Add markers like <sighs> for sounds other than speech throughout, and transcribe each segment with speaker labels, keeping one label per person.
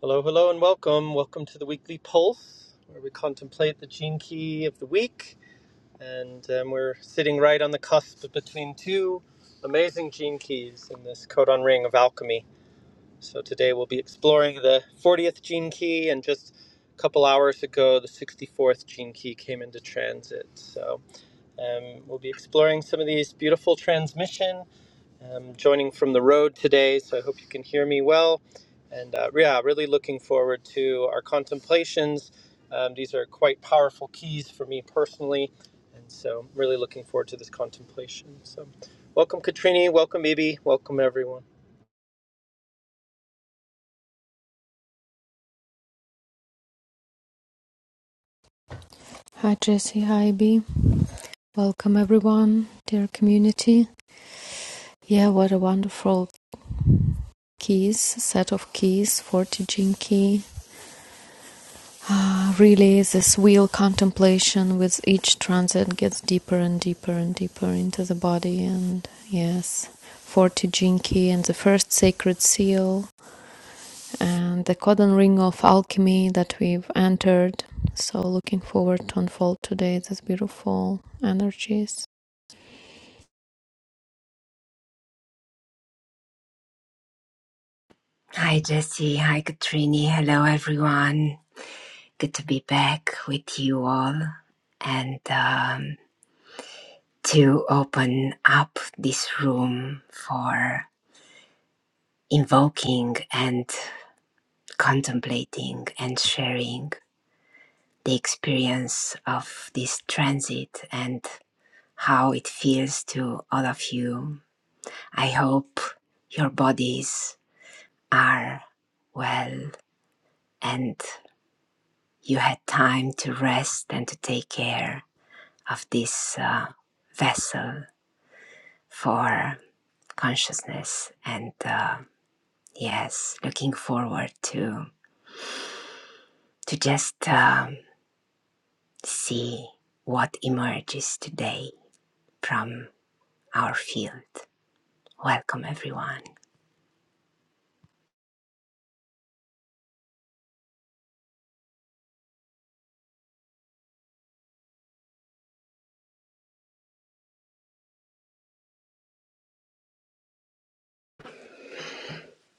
Speaker 1: Hello, hello, and welcome. Welcome to the weekly pulse, where we contemplate the gene key of the week. And um, we're sitting right on the cusp between two amazing gene keys in this codon ring of alchemy. So today we'll be exploring the 40th gene key, and just a couple hours ago, the 64th gene key came into transit. So um, we'll be exploring some of these beautiful transmission. I'm joining from the road today, so I hope you can hear me well. And uh, yeah, really looking forward to our contemplations. Um, these are quite powerful keys for me personally, and so I'm really looking forward to this contemplation. So, welcome, Katrini. Welcome, Ibi. Welcome, everyone.
Speaker 2: Hi Jesse, hi B. Welcome everyone, dear community. Yeah, what a wonderful keys, set of keys for teaching key. Ah, really, this wheel contemplation with each transit gets deeper and deeper and deeper into the body. And yes, for Tijinki and the first sacred seal and the codon ring of alchemy that we've entered. So, looking forward to unfold today these beautiful energies.
Speaker 3: Hi, Jesse. Hi, Katrini. Hello, everyone. Good to be back with you all and um, to open up this room for invoking and contemplating and sharing the experience of this transit and how it feels to all of you. I hope your bodies are well and You had time to rest and to take care of this uh, vessel for consciousness. And uh, yes, looking forward to to just um, see what emerges today from our field. Welcome, everyone.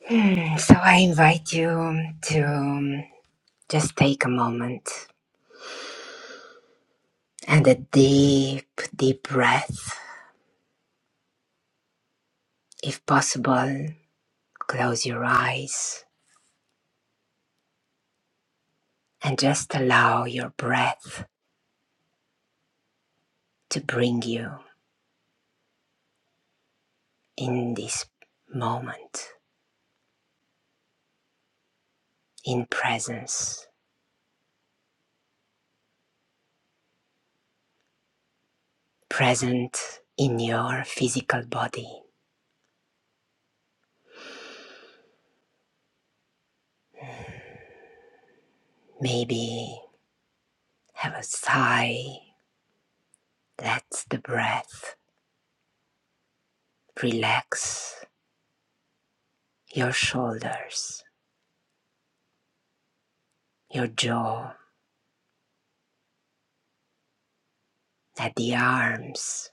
Speaker 3: Hmm, So I invite you to um, just take a moment and a deep, deep breath. If possible, close your eyes and just allow your breath to bring you in this moment, in presence, present in your physical body. Maybe have a sigh, let the breath relax your shoulders, your jaw, let the arms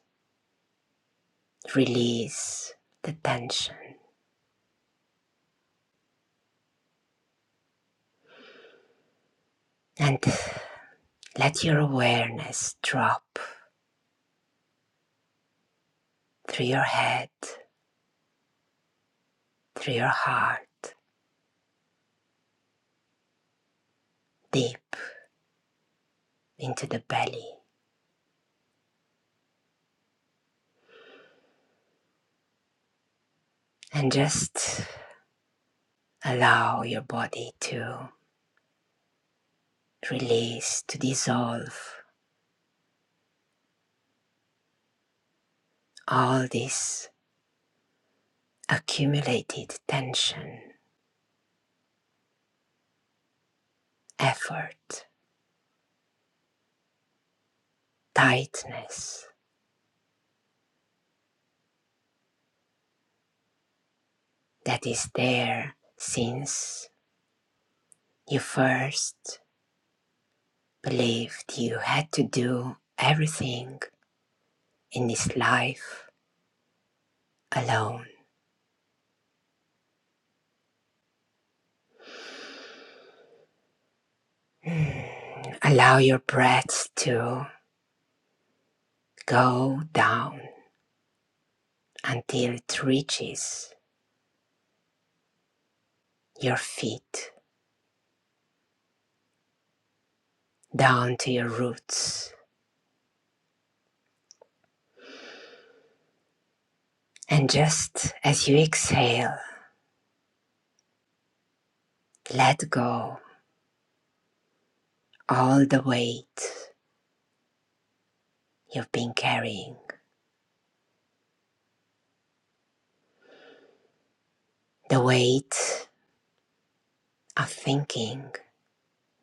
Speaker 3: release the tension, and let your awareness drop through your head, through your heart, deep into the belly and just allow your body to release, to dissolve all this accumulated tension, effort, tightness that is there since you first believed you had to do everything in this life alone. Mm, Allow your breath to go down until it reaches your feet down to your roots. And just as you exhale, let go all the weight you've been carrying, the weight of thinking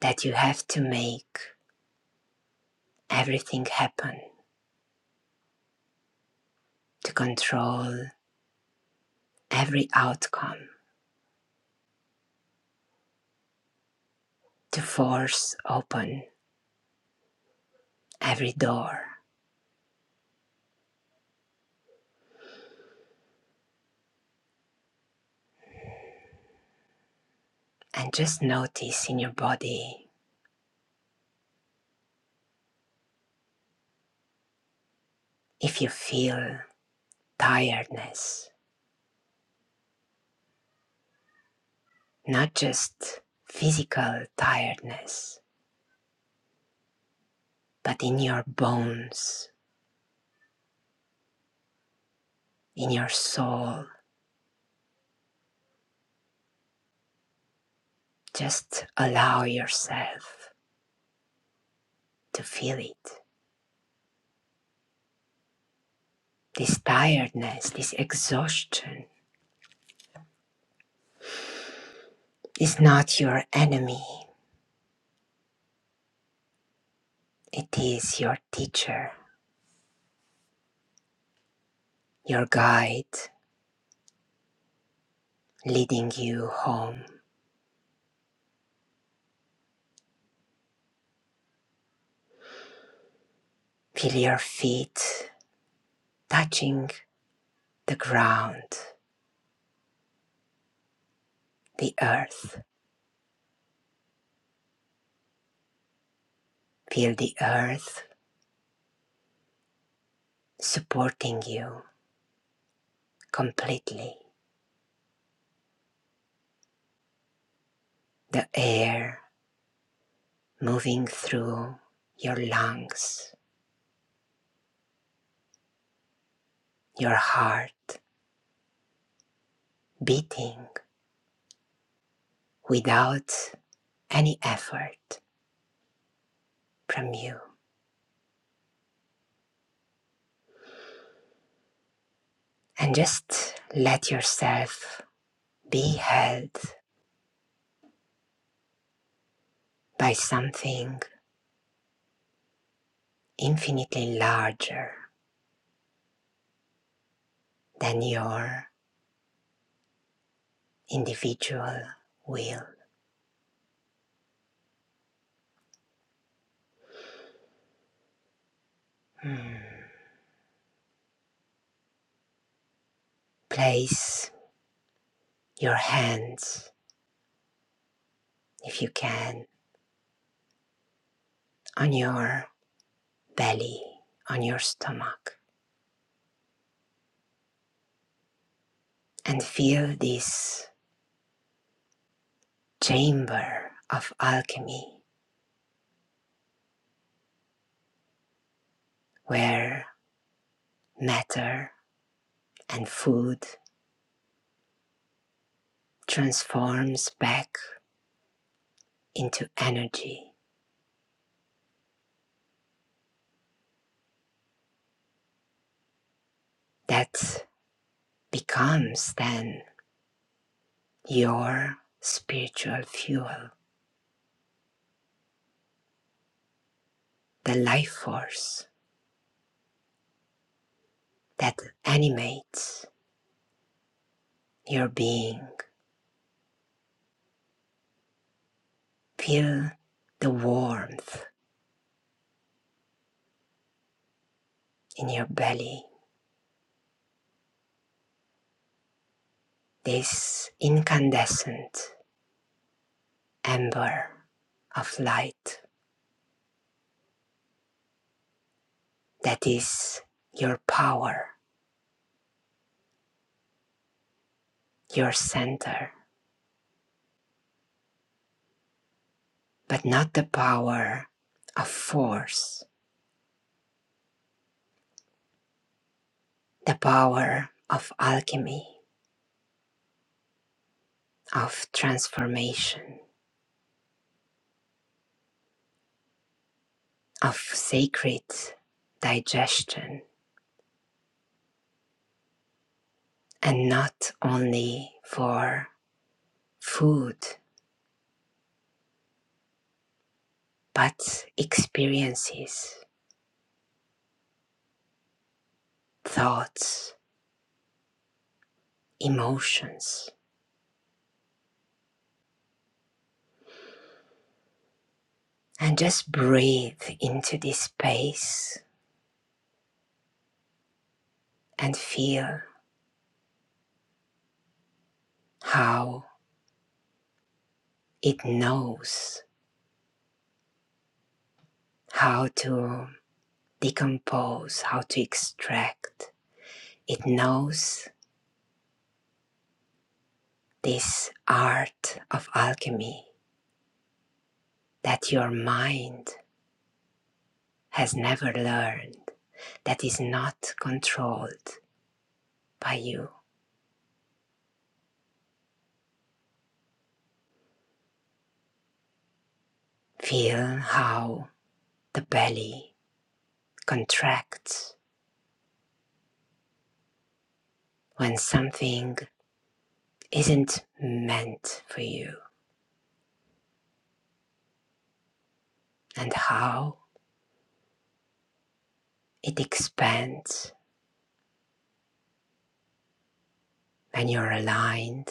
Speaker 3: that you have to make everything happen, to control every outcome, to force open every door. And just notice in your body if you feel tiredness, not just physical tiredness, but in your bones, in your soul. Just allow yourself to feel it. This tiredness, this exhaustion is not your enemy, it is your teacher, your guide leading you home. Feel your feet touching the ground, the earth. Feel the earth supporting you completely, the air moving through your lungs your heart beating without any effort from you. And just let yourself be held by something infinitely larger than your individual will. Hmm. Place your hands, if you can, on your belly, on your stomach, and feel this chamber of alchemy where matter and food transforms back into energy that becomes then your spiritual fuel, the life force that animates your being. Feel the warmth in your belly, this incandescent ember of light that is your power, your center, but not the power of force the power of alchemy, of transformation, of sacred digestion, and not only for food, but experiences, thoughts, emotions. And just breathe into this space and feel how it knows how to decompose, how to extract. It knows this art of alchemy that your mind has never learned, that is not controlled by you. Feel how the belly contracts when something isn't meant for you, and how it expands when you're aligned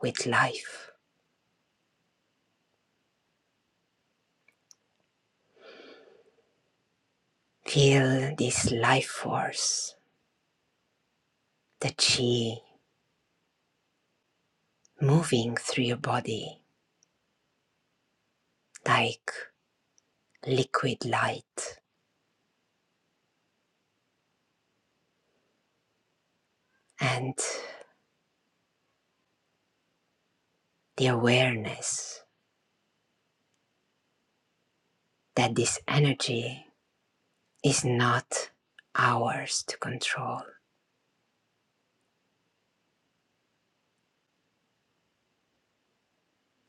Speaker 3: with life. Feel this life force, the chi, moving through your body like liquid light and the awareness that this energy is not ours to control.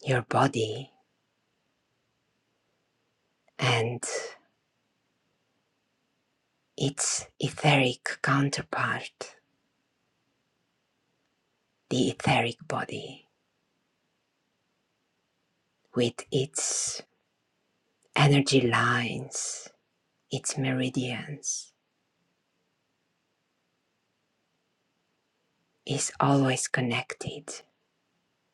Speaker 3: Your body and its etheric counterpart, the etheric body, with its energy lines, its meridians, is always connected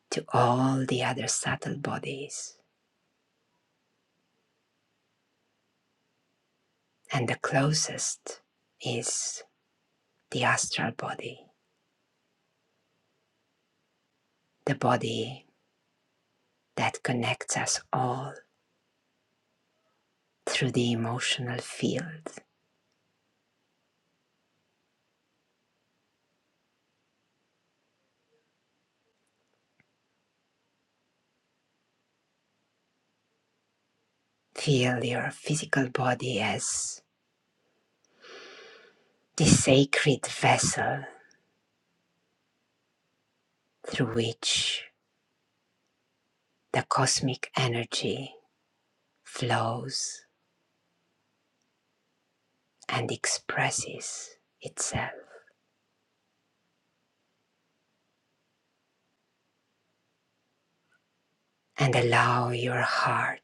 Speaker 3: to all the other subtle bodies, and the closest is the astral body the body that connects us all through the emotional field. Feel your physical body as the sacred vessel through which the cosmic energy flows and expresses itself. And allow your heart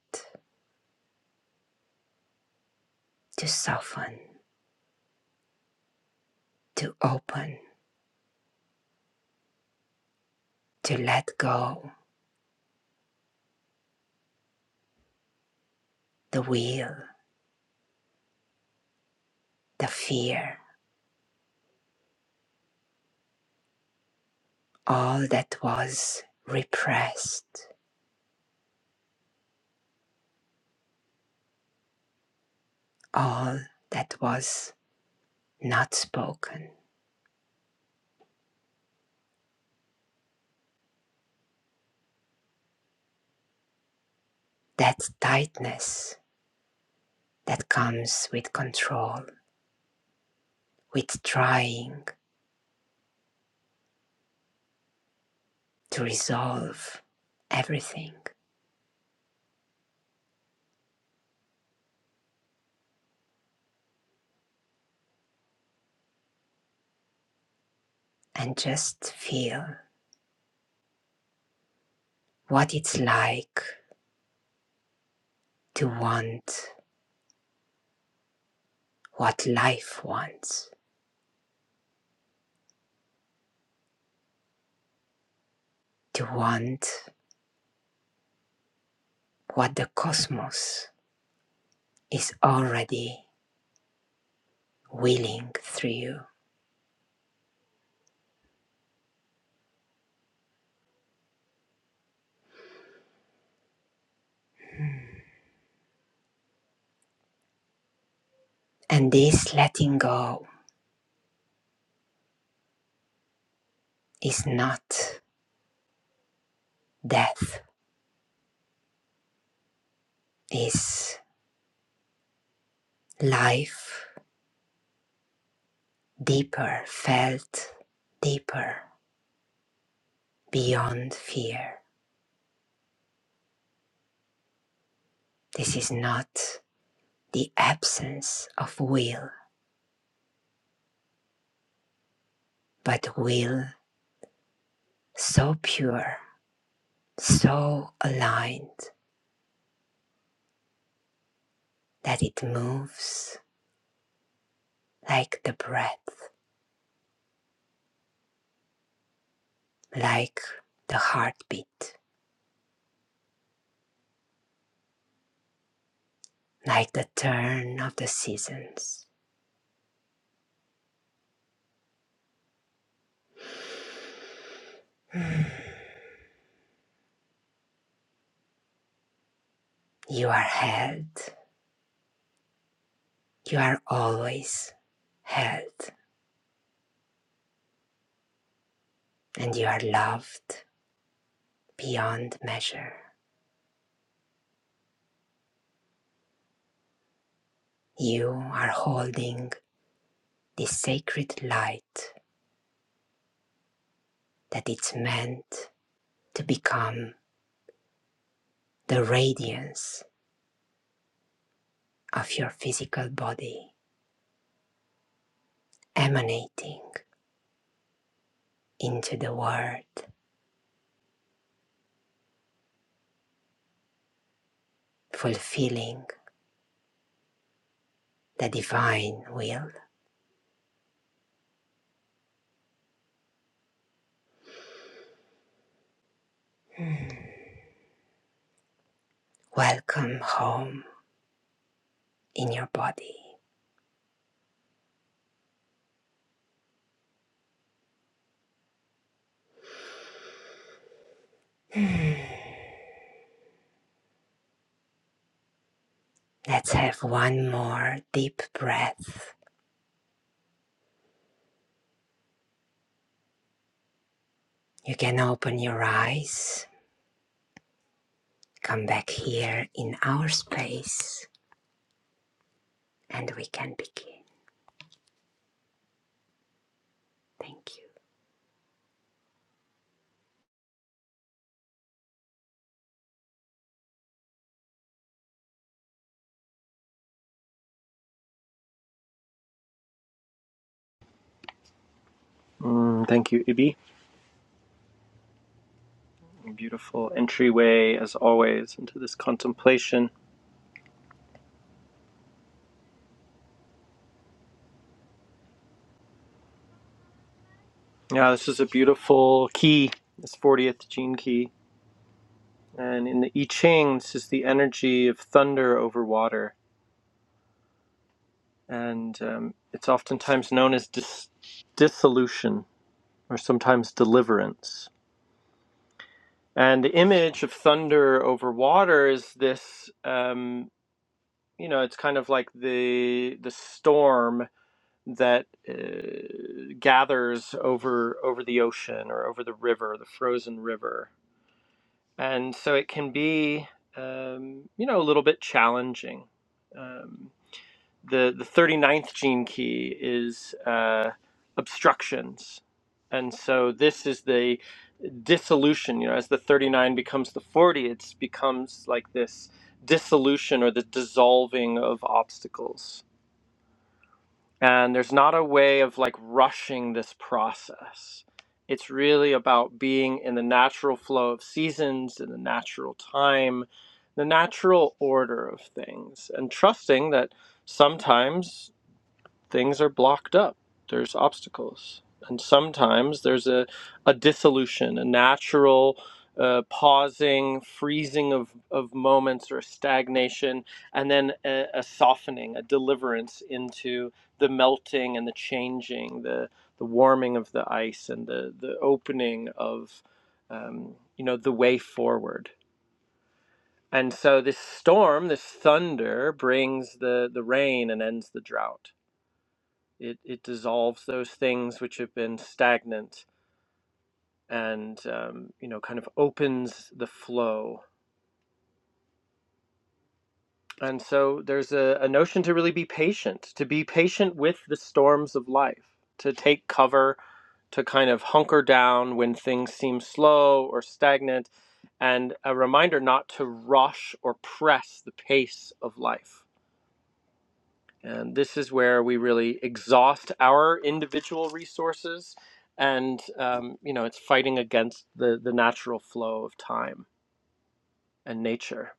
Speaker 3: to soften, to open, to let go the will, the fear, all that was repressed, all that was not spoken. That tightness that comes with control, with trying to resolve everything and just feel what it's like to want what life wants, to want what the cosmos is already willing through you. And this letting go is not death, is life deeper felt, deeper beyond fear. This is not the absence of will, but will so pure, so aligned that it moves like the breath, like the heartbeat, like the turn of the seasons. <sighs> Mm. You are held, you are always held, and you are loved beyond measure. You are holding the sacred light that it's meant to become the radiance of your physical body, emanating into the world, fulfilling the divine will. Mm. Welcome home in your body. Mm. Let's have one more deep breath. You can open your eyes, come back here in our space, and we can begin. Thank you.
Speaker 1: Mm, thank you, Ibi. Beautiful entryway, as always, into this contemplation. Yeah, this is a beautiful key, this 40th gene key. And in the I Ching, this is the energy of thunder over water and um, it's oftentimes known as dis- dissolution or sometimes deliverance. And the image of thunder over water is this, um, you know, it's kind of like the the storm that uh, gathers over over the ocean or over the river, the frozen river, and so it can be, um, you know, a little bit challenging. Um, the the thirty ninth gene key is uh, obstructions and so this is the dissolution you know as the 39 becomes the 40 it becomes like this dissolution or the dissolving of obstacles and there's not a way of like rushing this process it's really about being in the natural flow of seasons in the natural time the natural order of things and trusting that sometimes things are blocked up. There's obstacles. And sometimes there's a, a dissolution, a natural uh, pausing, freezing of, of moments or a stagnation, and then a, a softening, a deliverance into the melting and the changing, the, the warming of the ice and the, the opening of, um, you know, the way forward. And so this storm, this thunder brings the, the rain and ends the drought it it dissolves those things which have been stagnant and um, you know kind of opens the flow. And so there's a, a notion to really be patient, to be patient with the storms of life, to take cover, to kind of hunker down when things seem slow or stagnant, and a reminder not to rush or press the pace of life And this is where we really exhaust our individual resources. And, um, you know, it's fighting against the, the natural flow of time and nature.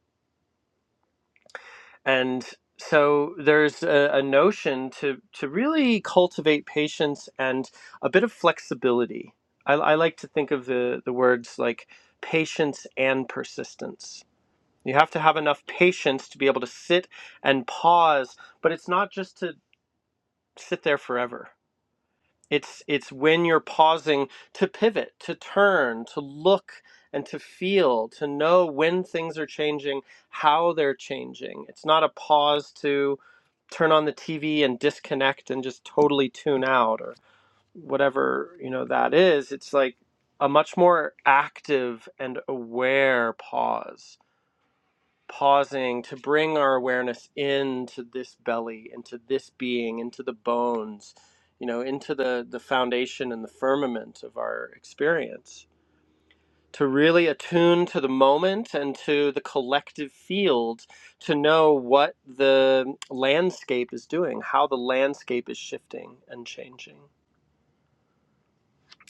Speaker 1: And so there's a, a notion to, to really cultivate patience and a bit of flexibility. I, I like to think of the, the words like patience and persistence. You have to have enough patience to be able to sit and pause, but it's not just to sit there forever It's it's when you're pausing to pivot, to turn, to look and to feel, to know when things are changing, how they're changing. It's not a pause to turn on the TV and disconnect and just totally tune out or whatever, you know, that is. It's like a much more active and aware pause pausing to bring our awareness into this belly, into this being, into the bones, you know, into the, the foundation and the firmament of our experience. To really attune to the moment and to the collective field to know what the landscape is doing, how the landscape is shifting and changing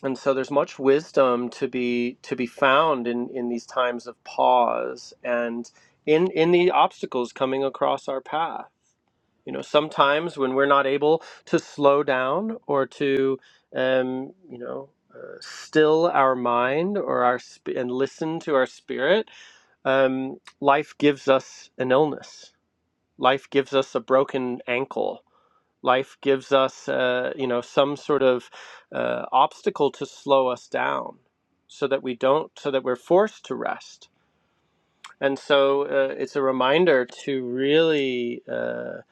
Speaker 1: and so there's much wisdom to be to be found in in these times of pause and in in the obstacles coming across our path you know sometimes when we're not able to slow down or to um you know uh, still our mind or our sp- and listen to our spirit um life gives us an illness life gives us a broken ankle Life gives us, uh, you know, some sort of uh, obstacle to slow us down, so that we don't, so that we're forced to rest. And so uh, it's a reminder to really uh,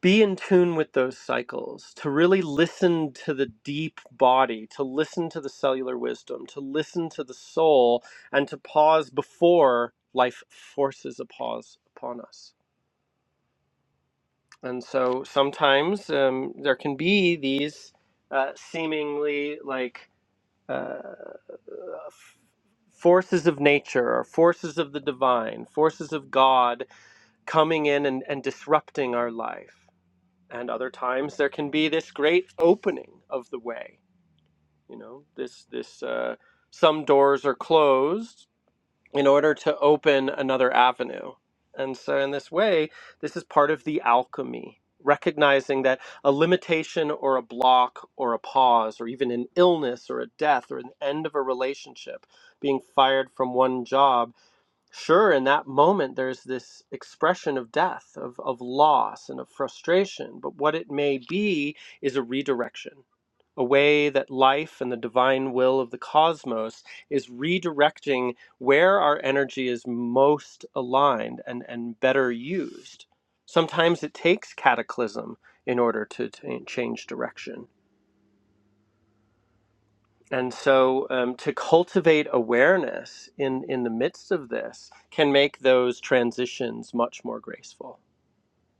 Speaker 1: be in tune with those cycles, to really listen to the deep body, to listen to the cellular wisdom, to listen to the soul, and to pause before life forces a pause upon us. And so sometimes um, there can be these uh, seemingly like uh, forces of nature or forces of the divine, forces of God coming in and, and disrupting our life. And other times there can be this great opening of the way. You know, this this uh, some doors are closed in order to open another avenue. And so, in this way, this is part of the alchemy, recognizing that a limitation or a block or a pause, or even an illness or a death or an end of a relationship, being fired from one job Sure, in that moment, there's this expression of death, of, of loss, and of frustration. But what it may be is a redirection, a way that life and the divine will of the cosmos is redirecting where our energy is most aligned and, and better used. Sometimes it takes cataclysm in order to, to change direction. And so um, to cultivate awareness in, in the midst of this can make those transitions much more graceful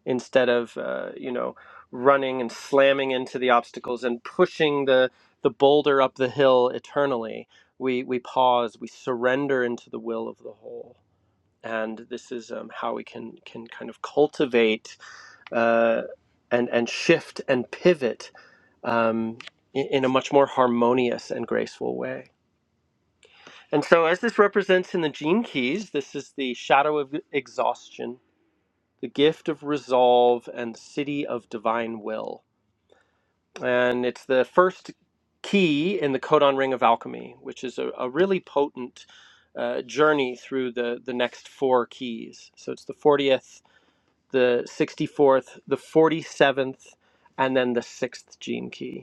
Speaker 1: instead of, uh, you know, running and slamming into the obstacles and pushing the, the boulder up the hill eternally. We, we pause, we surrender into the will of the whole. And this is um, how we can, can kind of cultivate uh, and, and shift and pivot um, in, in a much more harmonious and graceful way. And so, as this represents in the gene keys, this is the shadow of exhaustion, the gift of resolve, and the city of divine will. And it's the first key in the codon ring of alchemy, which is a, a really potent uh, journey through the, the next four keys. So, it's the 40th, the 64th, the 47th, and then the sixth gene key.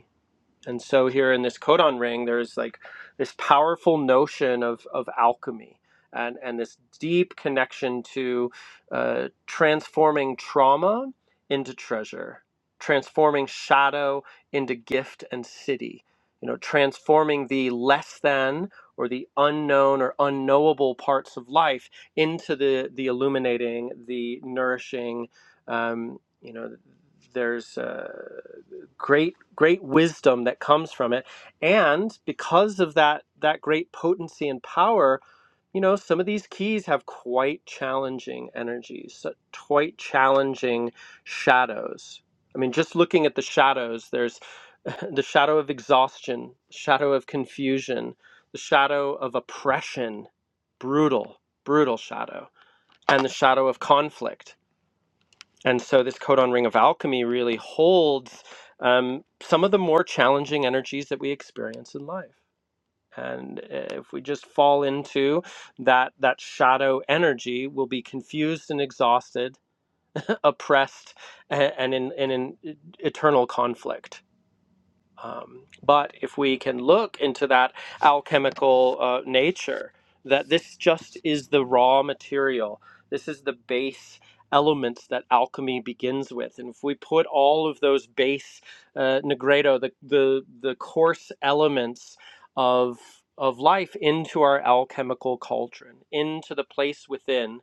Speaker 1: And so here in this codon ring, there's like this powerful notion of, of alchemy and, and this deep connection to uh, transforming trauma into treasure, transforming shadow into gift and city, you know, transforming the less than or the unknown or unknowable parts of life into the, the illuminating, the nourishing, um, you know, there's uh, great great wisdom that comes from it and because of that that great potency and power you know some of these keys have quite challenging energies so- quite challenging shadows i mean just looking at the shadows there's <laughs> the shadow of exhaustion shadow of confusion the shadow of oppression brutal brutal shadow and the shadow of conflict and so this codon ring of alchemy really holds um, some of the more challenging energies that we experience in life. And uh, if we just fall into that that shadow energy, we'll be confused and exhausted, <clears throat> <laughs> oppressed, and, and in and in eternal conflict. Um, but if we can look into that alchemical uh, nature, that this just is the raw material, this is the base elements that alchemy begins with. And if we put all of those base uh, negredo, the, the, the coarse elements of of life into our alchemical cauldron, into the place within,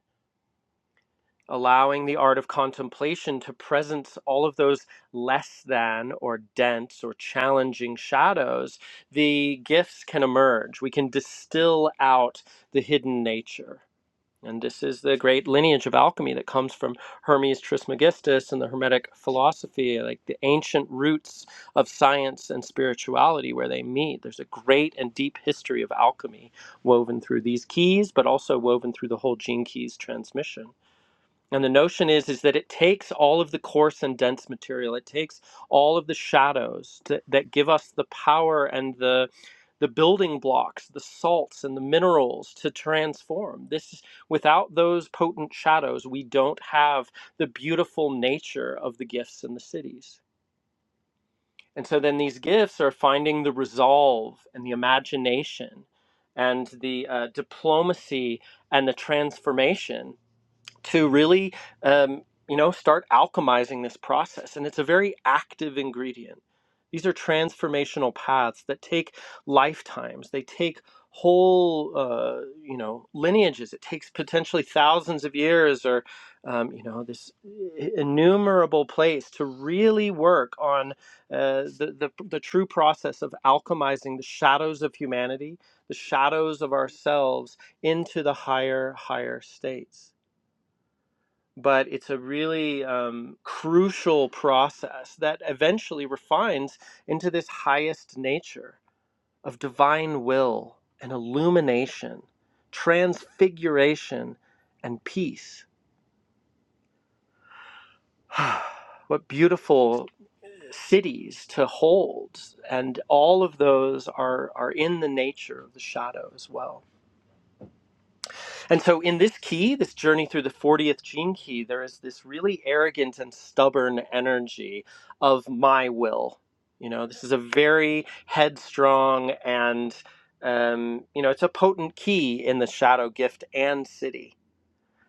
Speaker 1: allowing the art of contemplation to presence all of those less than or dense or challenging shadows, the gifts can emerge. We can distill out the hidden nature. And this is the great lineage of alchemy that comes from Hermes Trismegistus and the Hermetic philosophy, like the ancient roots of science and spirituality where they meet. There's a great and deep history of alchemy woven through these keys, but also woven through the whole gene keys transmission. And the notion is is that it takes all of the coarse and dense material. It takes all of the shadows to, that give us the power and the the building blocks, the salts and the minerals to transform. This without those potent shadows, we don't have the beautiful nature of the gifts and the cities. And so then these gifts are finding the resolve and the imagination and the uh, diplomacy and the transformation to really um, you know start alchemizing this process and it's a very active ingredient these are transformational paths that take lifetimes they take whole uh, you know lineages it takes potentially thousands of years or um, you know this innumerable place to really work on uh, the, the the true process of alchemizing the shadows of humanity the shadows of ourselves into the higher higher states but it's a really um, crucial process that eventually refines into this highest nature of divine will and illumination, transfiguration, and peace. <sighs> what beautiful cities to hold, and all of those are, are in the nature of the shadow as well. And so, in this key, this journey through the 40th gene key, there is this really arrogant and stubborn energy of my will. You know, this is a very headstrong and, um, you know, it's a potent key in the shadow gift and city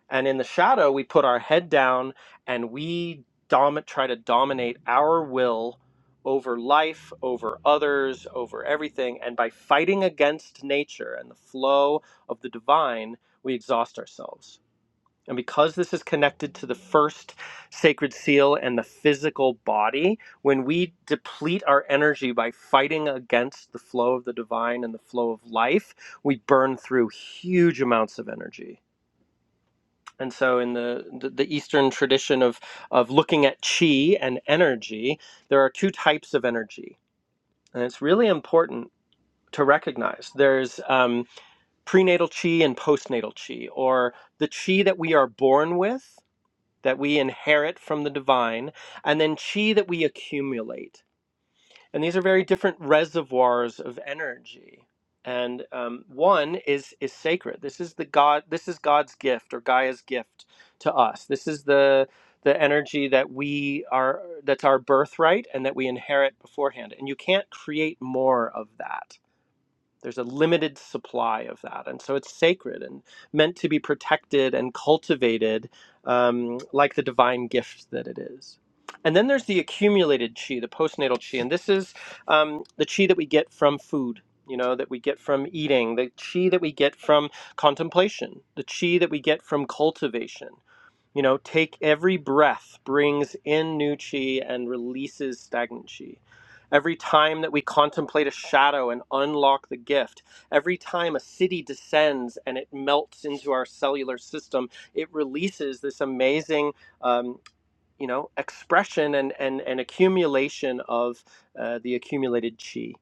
Speaker 1: and in the shadow we put our head down and we dom- try to dominate our will over life over others over everything and by fighting against nature and the flow of the divine we exhaust ourselves and because this is connected to the first sacred seal and the physical body when we deplete our energy by fighting against the flow of the divine and the flow of life we burn through huge amounts of energy and so, in the, the, the Eastern tradition of, of looking at chi and energy, there are two types of energy. And it's really important to recognize there's um, prenatal chi and postnatal chi, or the chi that we are born with, that we inherit from the divine, and then chi that we accumulate and these are very different reservoirs of energy and um, one is is sacred this is the god this is god's gift or gaia's gift to us this is the the energy that we are that's our birthright and that we inherit beforehand and you can't create more of that there's a limited supply of that. And so it's sacred and meant to be protected and cultivated um, like the divine gift that it is. And then there's the accumulated chi, the postnatal chi. And this is um, the chi that we get from food, you know, that we get from eating, the chi that we get from contemplation, the chi that we get from cultivation. You know, take every breath brings in new chi and releases stagnant chi. Every time that we contemplate a shadow and unlock the gift, every time a city descends and it melts into our cellular system, it releases this amazing, um, you know, expression and, and, and accumulation of uh, the accumulated chi.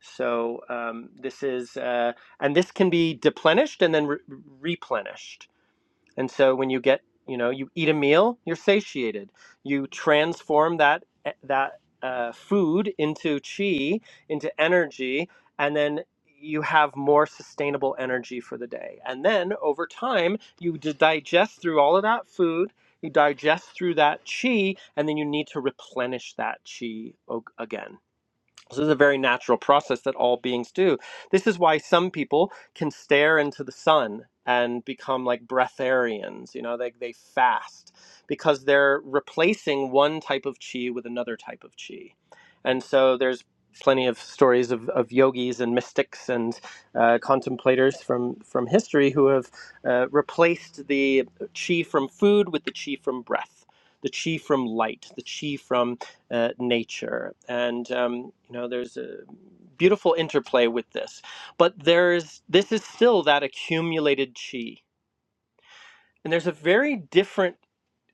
Speaker 1: So um, this is, uh, and this can be deplenished and then re- replenished and so when you get, you know, you eat a meal, you're satiated. You transform that eh, that uh, food into chi, into energy, and then you have more sustainable energy for the day. And then over time, you d- digest through all of that food. You digest through that chi, and then you need to replenish that chi o- again. This is a very natural process that all beings do. This is why some people can stare into the sun and become like breatharians, you know, they, they fast because they're replacing one type of chi with another type of chi. And so there's plenty of stories of, of yogis and mystics and uh, contemplators from, from history who have uh, replaced the chi from food with the chi from breath, the chi from light, the chi from uh, nature. And um, you know, there's a beautiful interplay with this. But there's this is still that accumulated chi, and there's a very different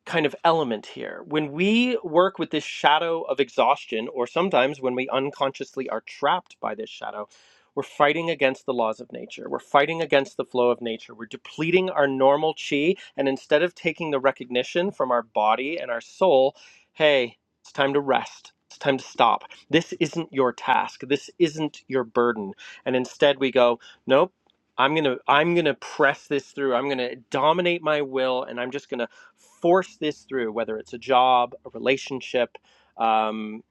Speaker 1: kind of element here. When we work with this shadow of exhaustion, or sometimes when we unconsciously are trapped by this shadow, we're fighting against the laws of nature. We're fighting against the flow of nature. We're depleting our normal chi. And instead of taking the recognition from our body and our soul, hey, it's time to rest. It's time to stop. This isn't your task. This isn't your burden. And instead we go, nope. I'm going to I'm going to press this through. I'm going to dominate my will and I'm just going to force this through, whether it's a job, a relationship, um,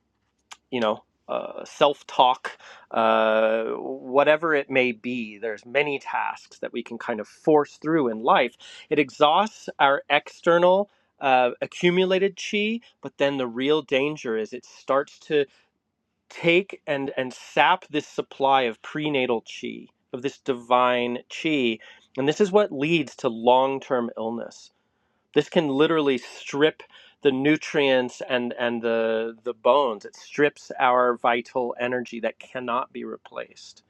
Speaker 1: you know, uh, self talk, uh, whatever it may be. There's many tasks that we can kind of force through in life. It exhausts our external. Uh, accumulated chi, but then the real danger is it starts to take and and sap this supply of prenatal chi, of this divine chi, and this is what leads to long-term illness this can literally strip the nutrients and and the the bones. It strips our vital energy that cannot be replaced.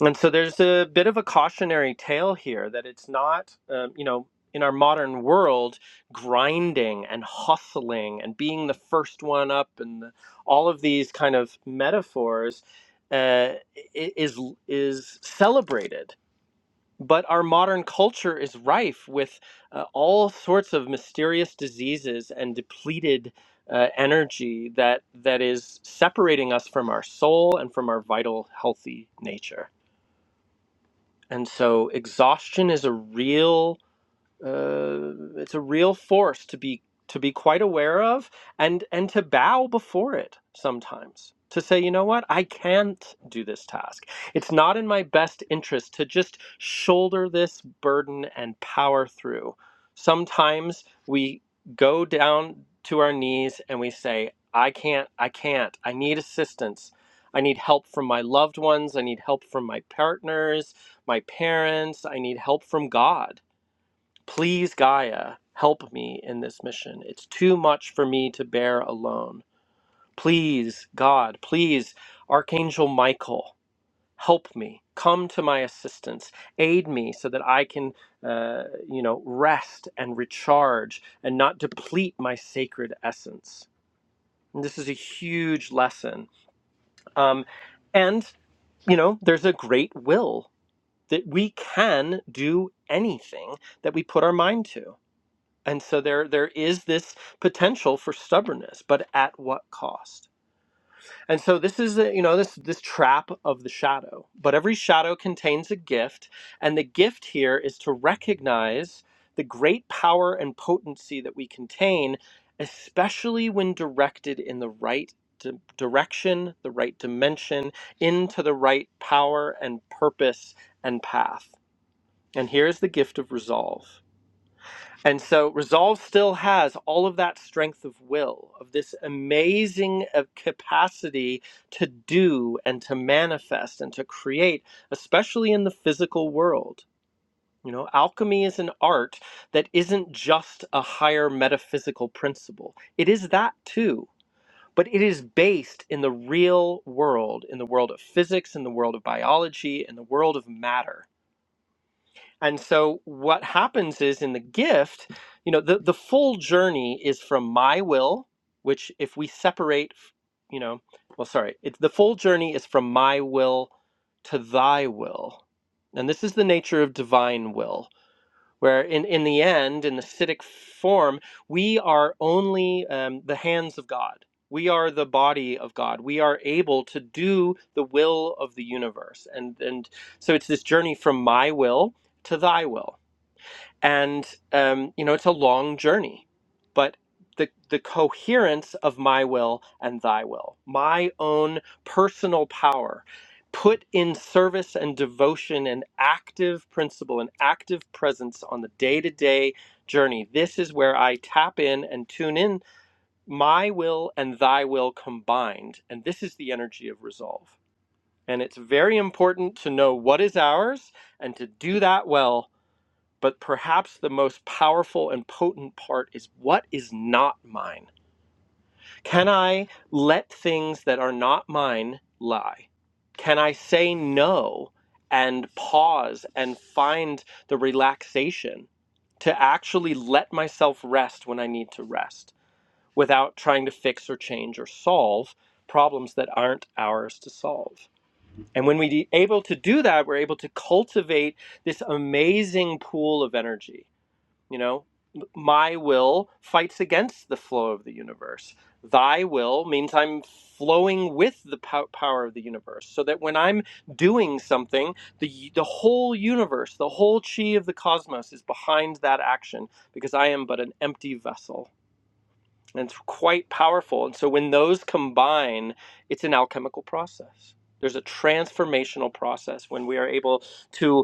Speaker 1: And so there's a bit of a cautionary tale here that it's not, um, you know. In our modern world, grinding and hustling and being the first one up and the, all of these kind of metaphors uh, is is celebrated but our modern culture is rife with uh, all sorts of mysterious diseases and depleted uh, energy that that is separating us from our soul and from our vital healthy nature and so exhaustion is a real uh, it's a real force to be to be quite aware of and and to bow before it sometimes to say you know what i can't do this task it's not in my best interest to just shoulder this burden and power through sometimes we go down to our knees and we say i can't i can't i need assistance i need help from my loved ones i need help from my partners my parents i need help from god Please, Gaia, help me in this mission. It's too much for me to bear alone. Please, God, please, Archangel Michael, help me. Come to my assistance. Aid me so that I can, uh, you know, rest and recharge and not deplete my sacred essence. And this is a huge lesson. Um, and, you know, there's a great will that we can do anything that we put our mind to And so there there is this potential for stubbornness, but at what cost? And so this is the, you know this this trap of the shadow. But every shadow contains a gift, and the gift here is to recognize the great power and potency that we contain, especially when directed in the right di- direction, the right dimension, into the right power and purpose and path. And here's the gift of resolve. And so resolve still has all of that strength of will, of this amazing uh, capacity to do and to manifest and to create, especially in the physical world. You know, alchemy is an art that isn't just a higher metaphysical principle, it is that too. But it is based in the real world, in the world of physics, in the world of biology, in the world of matter and so what happens is in the gift, you know, the, the full journey is from my will, which if we separate, you know, well, sorry, it's the full journey is from my will to thy will. And this is the nature of divine will where in, in the end, in the acidic form, we are only um, the hands of God. We are the body of God. We are able to do the will of the universe. And, and so it's this journey from my will to thy will and um, you know it's a long journey but the the coherence of my will and thy will my own personal power put in service and devotion and active principle and active presence on the day-to-day journey this is where i tap in and tune in my will and thy will combined and this is the energy of resolve and it's very important to know what is ours and to do that well but perhaps the most powerful and potent part is what is not mine? Can I let things that are not mine lie? Can I say no and pause and find the relaxation to actually let myself rest when I need to rest without trying to fix or change or solve problems that aren't ours to solve? And when we're able to do that, we're able to cultivate this amazing pool of energy you know, my will fights against the flow of the universe. Thy will means I'm flowing with the pow- power of the universe. So that when I'm doing something, the the whole universe, the whole chi of the cosmos is behind that action because I am but an empty vessel. And it's quite powerful. And so when those combine, it's an alchemical process. There's a transformational process when we are able to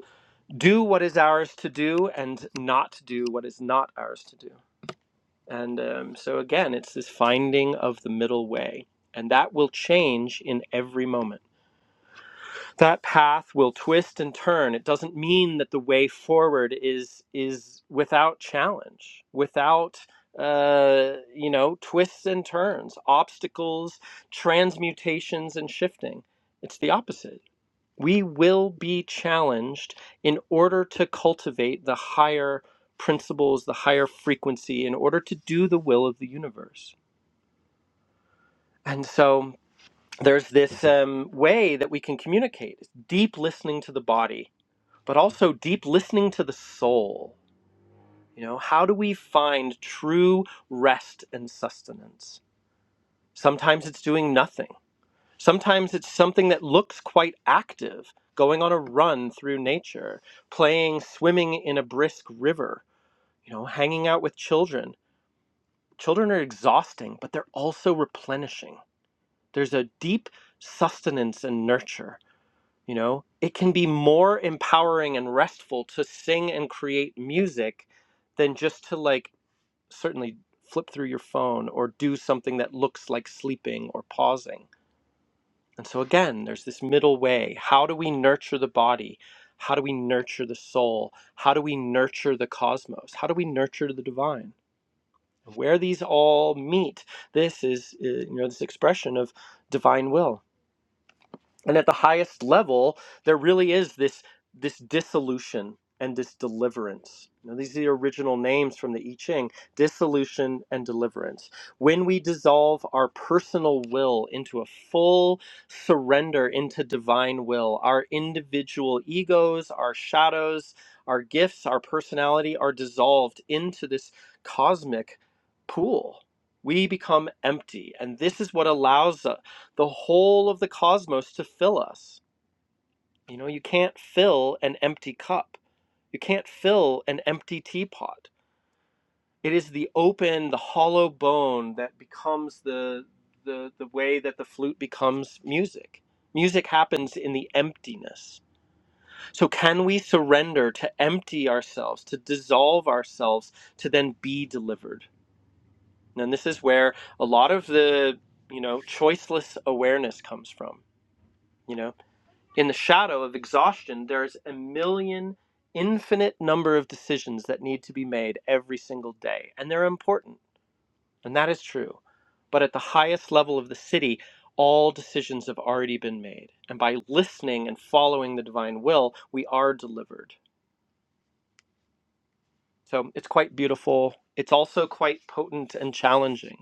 Speaker 1: do what is ours to do and not do what is not ours to do. And um, so, again, it's this finding of the middle way. And that will change in every moment. That path will twist and turn. It doesn't mean that the way forward is is without challenge, without uh, you know twists and turns, obstacles, transmutations, and shifting. It's the opposite we will be challenged in order to cultivate the higher principles, the higher frequency, in order to do the will of the universe. And so there's this um, way that we can communicate deep listening to the body, but also deep listening to the soul. You know, how do we find true rest and sustenance? Sometimes it's doing nothing. Sometimes it's something that looks quite active, going on a run through nature, playing swimming in a brisk river, you know, hanging out with children. Children are exhausting, but they're also replenishing. There's a deep sustenance and nurture, you know. It can be more empowering and restful to sing and create music than just to like certainly flip through your phone or do something that looks like sleeping or pausing And so, again, there's this middle way. How do we nurture the body? How do we nurture the soul? How do we nurture the cosmos? How do we nurture the divine? Where these all meet, this is, uh, you know, this expression of divine will and at the highest level there really is this this dissolution and this deliverance now these are the original names from the i ching dissolution and deliverance when we dissolve our personal will into a full surrender into divine will our individual egos our shadows our gifts our personality are dissolved into this cosmic pool we become empty and this is what allows the whole of the cosmos to fill us. You know, you can't fill an empty cup. You can't fill an empty teapot. It is the open, the hollow bone that becomes the the the way that the flute becomes music. Music happens in the emptiness. So can we surrender to empty ourselves, to dissolve ourselves to then be delivered? And this is where a lot of the, you know, choiceless awareness comes from. You know. In the shadow of exhaustion, there's a million infinite number of decisions that need to be made every single day, and they're important, and that is true. But at the highest level of the city, all decisions have already been made. And by listening and following the divine will, we are delivered. So it's quite beautiful. It's also quite potent and challenging.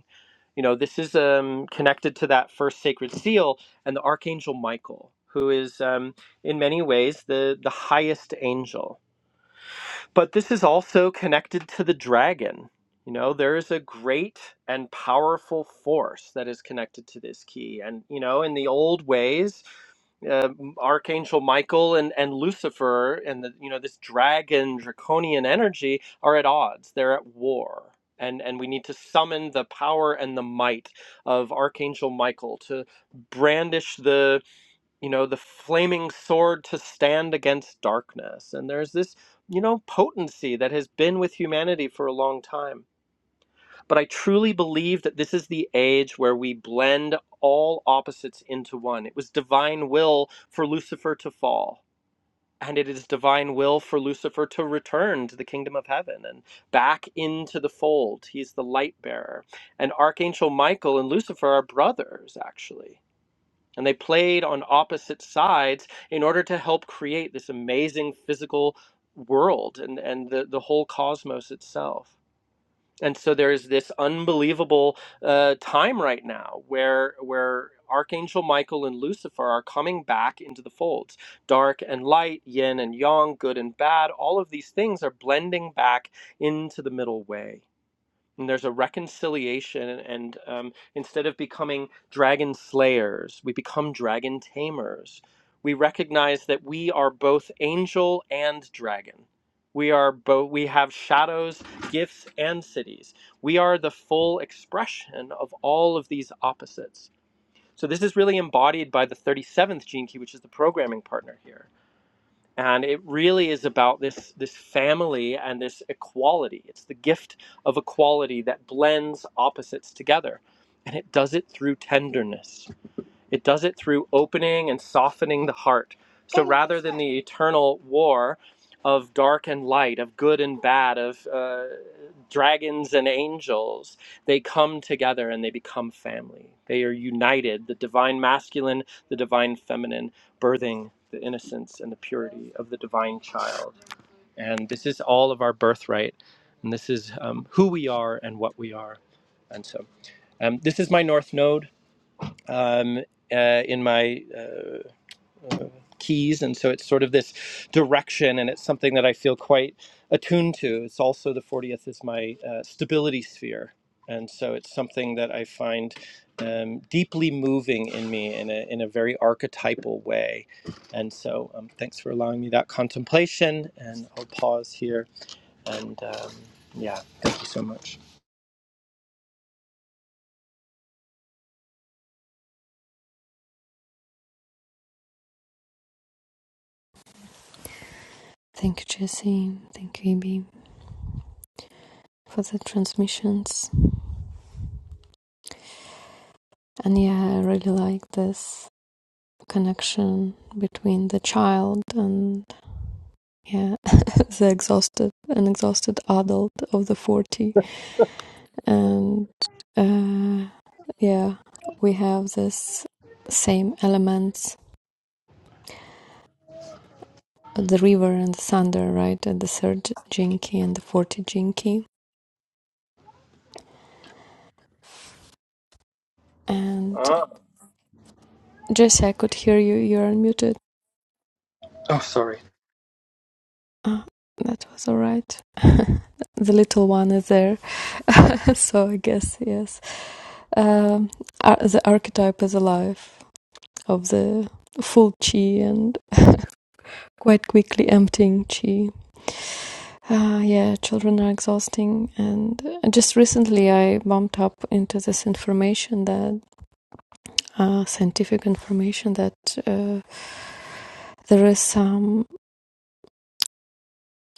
Speaker 1: you know this is um, connected to that first sacred seal and the archangel michael who is um, in many ways the the highest angel but this is also connected to the dragon. You know, there is a great and powerful force that is connected to this key. And, you know, in the old ways, uh, Archangel Michael and, and Lucifer and the you know this dragon draconian energy are at odds. They're at war, and and we need to summon the power and the might of Archangel Michael to brandish the you know, the flaming sword to stand against darkness. And there's this, you know, potency that has been with humanity for a long time. But I truly believe that this is the age where we blend all opposites into one. It was divine will for Lucifer to fall. And it is divine will for Lucifer to return to the kingdom of heaven and back into the fold. He's the light bearer. And Archangel Michael and Lucifer are brothers, actually and they played on opposite sides in order to help create this amazing physical world and, and the, the whole cosmos itself. And so there is this unbelievable uh, time right now where, where Archangel Michael and Lucifer are coming back into the folds. Dark and light, yin and yang, good and bad, all of these things are blending back into the middle way. And there's a reconciliation, and um, instead of becoming dragon slayers, we become dragon tamers. We recognize that we are both angel and dragon. We are both. We have shadows, gifts, and cities. We are the full expression of all of these opposites. So this is really embodied by the 37th gene key, which is the programming partner here and it really is about this this family and this equality it's the gift of equality that blends opposites together and it does it through tenderness it does it through opening and softening the heart. So rather than the eternal war of dark and light, of good and bad, of uh, dragons and angels, they come together and they become family. They are united, the divine masculine, the divine feminine, birthing the innocence and the purity of the divine child. And this is all of our birthright. And this is um, who we are and what we are. And so um, this is my North Node um, uh, in my uh, uh, keys. And so it's sort of this direction, and it's something that I feel quite attuned to. It's also the 40th is my uh, stability sphere. And so it's something that I find um, deeply moving in me in a, in a very archetypal way. And so um, thanks for allowing me that contemplation. And I'll pause here. And um, yeah, thank you so much.
Speaker 2: Thank you, Jesse. Thank you, Ibi, for the transmissions. And yeah, I really like this connection between the child and yeah, <laughs> the exhausted an exhausted adult of the forty. And uh, yeah, we have this same elements: the river and the thunder, right? At the third jinky and the forty jinky. And
Speaker 1: Ah.
Speaker 2: Jesse, I could hear you. You're unmuted.
Speaker 1: Oh, sorry.
Speaker 2: Uh, that was all right. <laughs> the little one is there, <laughs> so I guess yes. Um, ar- the archetype is alive of the full chi and <laughs> quite quickly emptying chi. Ah, yeah, children are exhausting, and uh, just recently I bumped up into this information that uh, scientific information that uh, there is some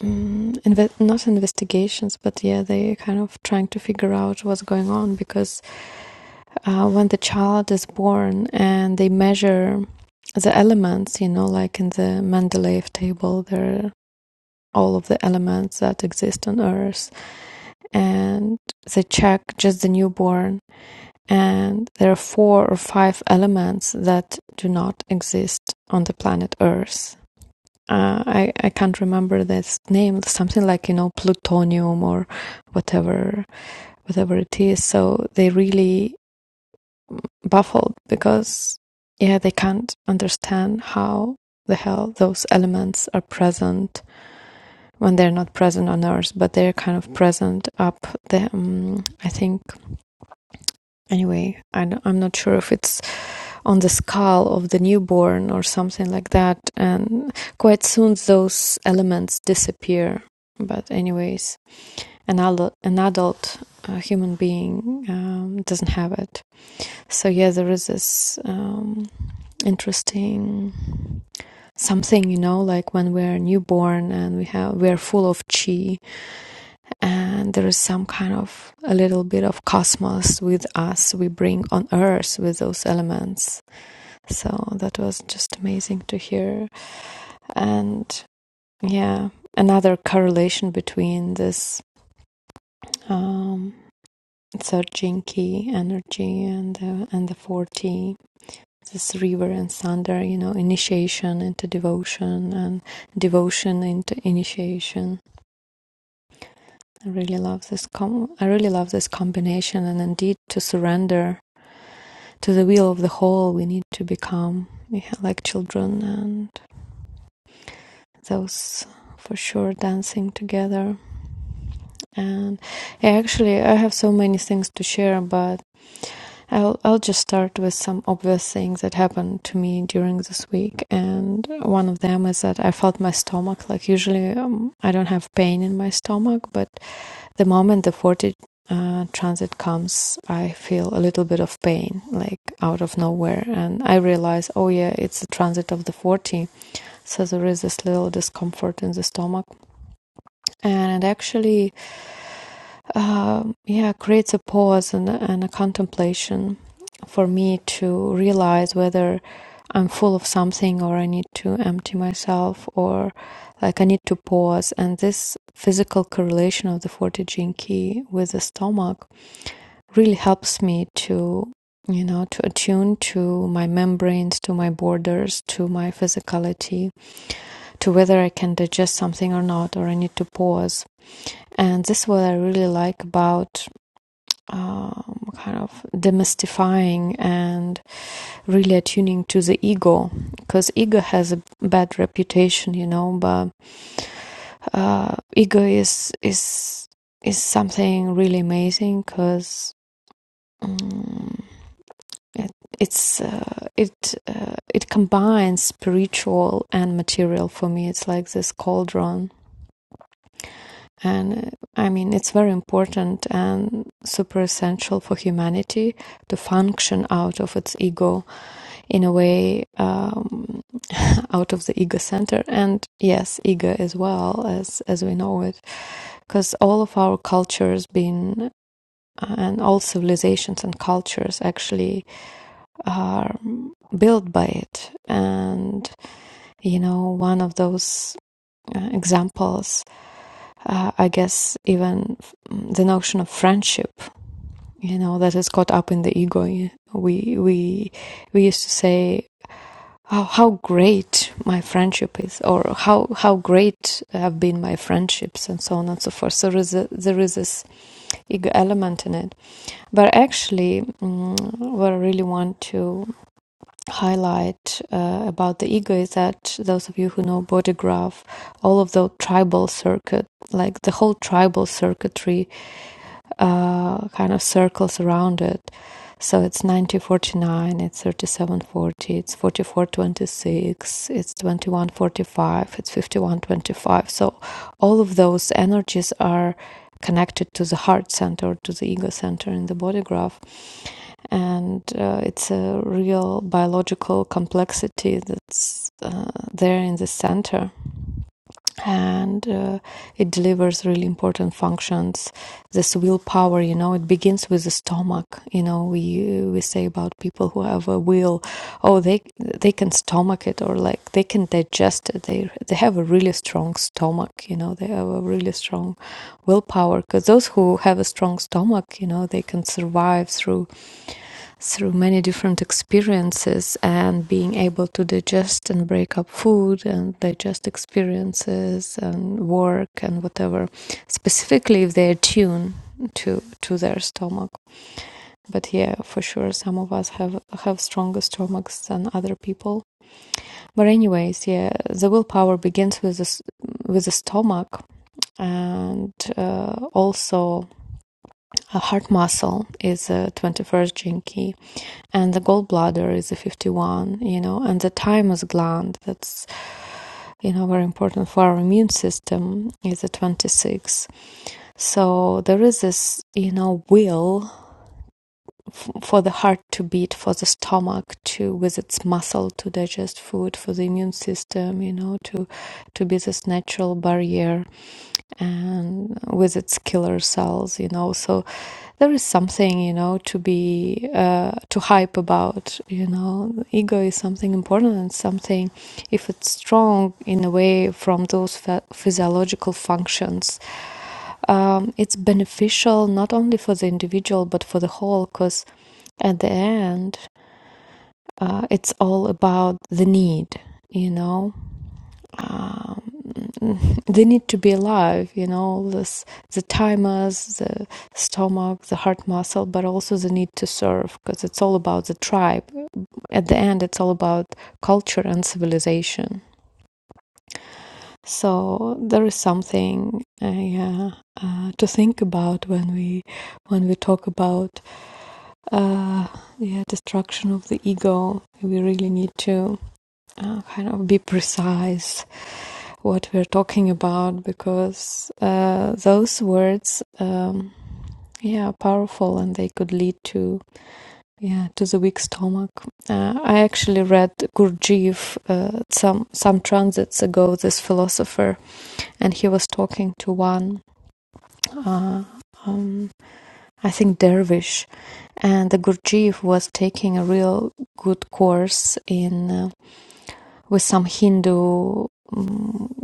Speaker 2: um, inve- not investigations, but yeah, they kind of trying to figure out what's going on because uh, when the child is born and they measure the elements, you know, like in the Mendeleev table, there are all of the elements that exist on Earth, and they check just the newborn, and there are four or five elements that do not exist on the planet Earth. Uh, I I can't remember this name, something like you know plutonium or whatever whatever it is. So they really baffled because yeah they can't understand how the hell those elements are present when they're not present on earth but they're kind of present up the um, i think anyway I don't- i'm not sure if it's on the skull of the newborn or something like that and quite soon those elements disappear but anyways an adult, an adult uh, human being um, doesn't have it so yeah there is this um, interesting something you know like when we're newborn and we have we're full of chi and there is some kind of a little bit of cosmos with us we bring on earth with those elements so that was just amazing to hear and yeah another correlation between this um, third jinki energy and the, and the 4 T this river and thunder, you know, initiation into devotion and devotion into initiation. I really love this com- I really love this combination and indeed to surrender to the will of the whole we need to become like children and those for sure dancing together and actually i have so many things to share but I'll I'll just start with some obvious things that happened to me during this week, and one of them is that I felt my stomach. Like usually, um, I don't have pain in my stomach, but the moment the forty uh, transit comes, I feel a little bit of pain, like out of nowhere, and I realize, oh yeah, it's the transit of the forty, so there is this little discomfort in the stomach, and it actually um, yeah, creates a pause and, and a contemplation for me to realize whether I'm full of something or I need to empty myself or like I need to pause. And this physical correlation of the 40 gene key with the stomach really helps me to, you know, to attune to my membranes, to my borders, to my physicality, to whether I can digest something or not, or I need to pause. And this is what I really like about um, kind of demystifying and really attuning to the ego because ego has a bad reputation you know but uh, ego is is is something really amazing because um, it, it's uh, it uh, it combines spiritual and material for me it's like this cauldron and uh, i mean it's very important and super essential for humanity to function out of its ego in a way um, out of the ego center and yes ego as well as as we know it because all of our cultures been uh, and all civilizations and cultures actually are built by it and you know one of those uh, examples uh, i guess even f- the notion of friendship you know that is caught up in the ego we we we used to say how, how great my friendship is or how how great have been my friendships and so on and so forth so there is, a, there is this ego element in it but actually mm, what i really want to highlight uh, about the ego is that those of you who know body graph all of the tribal circuit like the whole tribal circuitry uh, kind of circles around it. So it's 9049, it's 3740, it's 4426, it's 2145, it's 5125. So all of those energies are connected to the heart center, to the ego center in the body graph. And uh, it's a real biological complexity that's uh, there in the center and uh, it delivers really important functions this willpower you know it begins with the stomach you know we we say about people who have a will oh they they can stomach it or like they can digest it they they have a really strong stomach you know they have a really strong willpower because those who have a strong stomach you know they can survive through through many different experiences and being able to digest and break up food and digest experiences and work and whatever specifically if they're tuned to to their stomach but yeah for sure some of us have have stronger stomachs than other people but anyways yeah the willpower begins with the with the stomach and uh, also a heart muscle is a 21st gene key and the gallbladder is a 51 you know and the thymus gland that's you know very important for our immune system is a 26 so there is this you know will for the heart to beat, for the stomach to, with its muscle, to digest food, for the immune system, you know, to to be this natural barrier, and with its killer cells, you know. So there is something, you know, to be uh, to hype about. You know, The ego is something important and something, if it's strong in a way from those physiological functions um, it's beneficial not only for the individual but for the whole because at the end uh, it's all about the need you know um, <laughs> the need to be alive you know this the thymus the stomach the heart muscle but also the need to serve because it's all about the tribe at the end it's all about culture and civilization so there is something uh, yeah, uh, to think about when we when we talk about uh, yeah, destruction of the ego. We really need to uh, kind of be precise what we're talking about because uh, those words, um, yeah, are powerful and they could lead to yeah to the weak stomach. Uh, I actually read Gurdjieff uh, some some transits ago. This philosopher, and he was talking to one. Uh, um, I think Dervish and the Gurdjieff was taking a real good course in uh, with some Hindu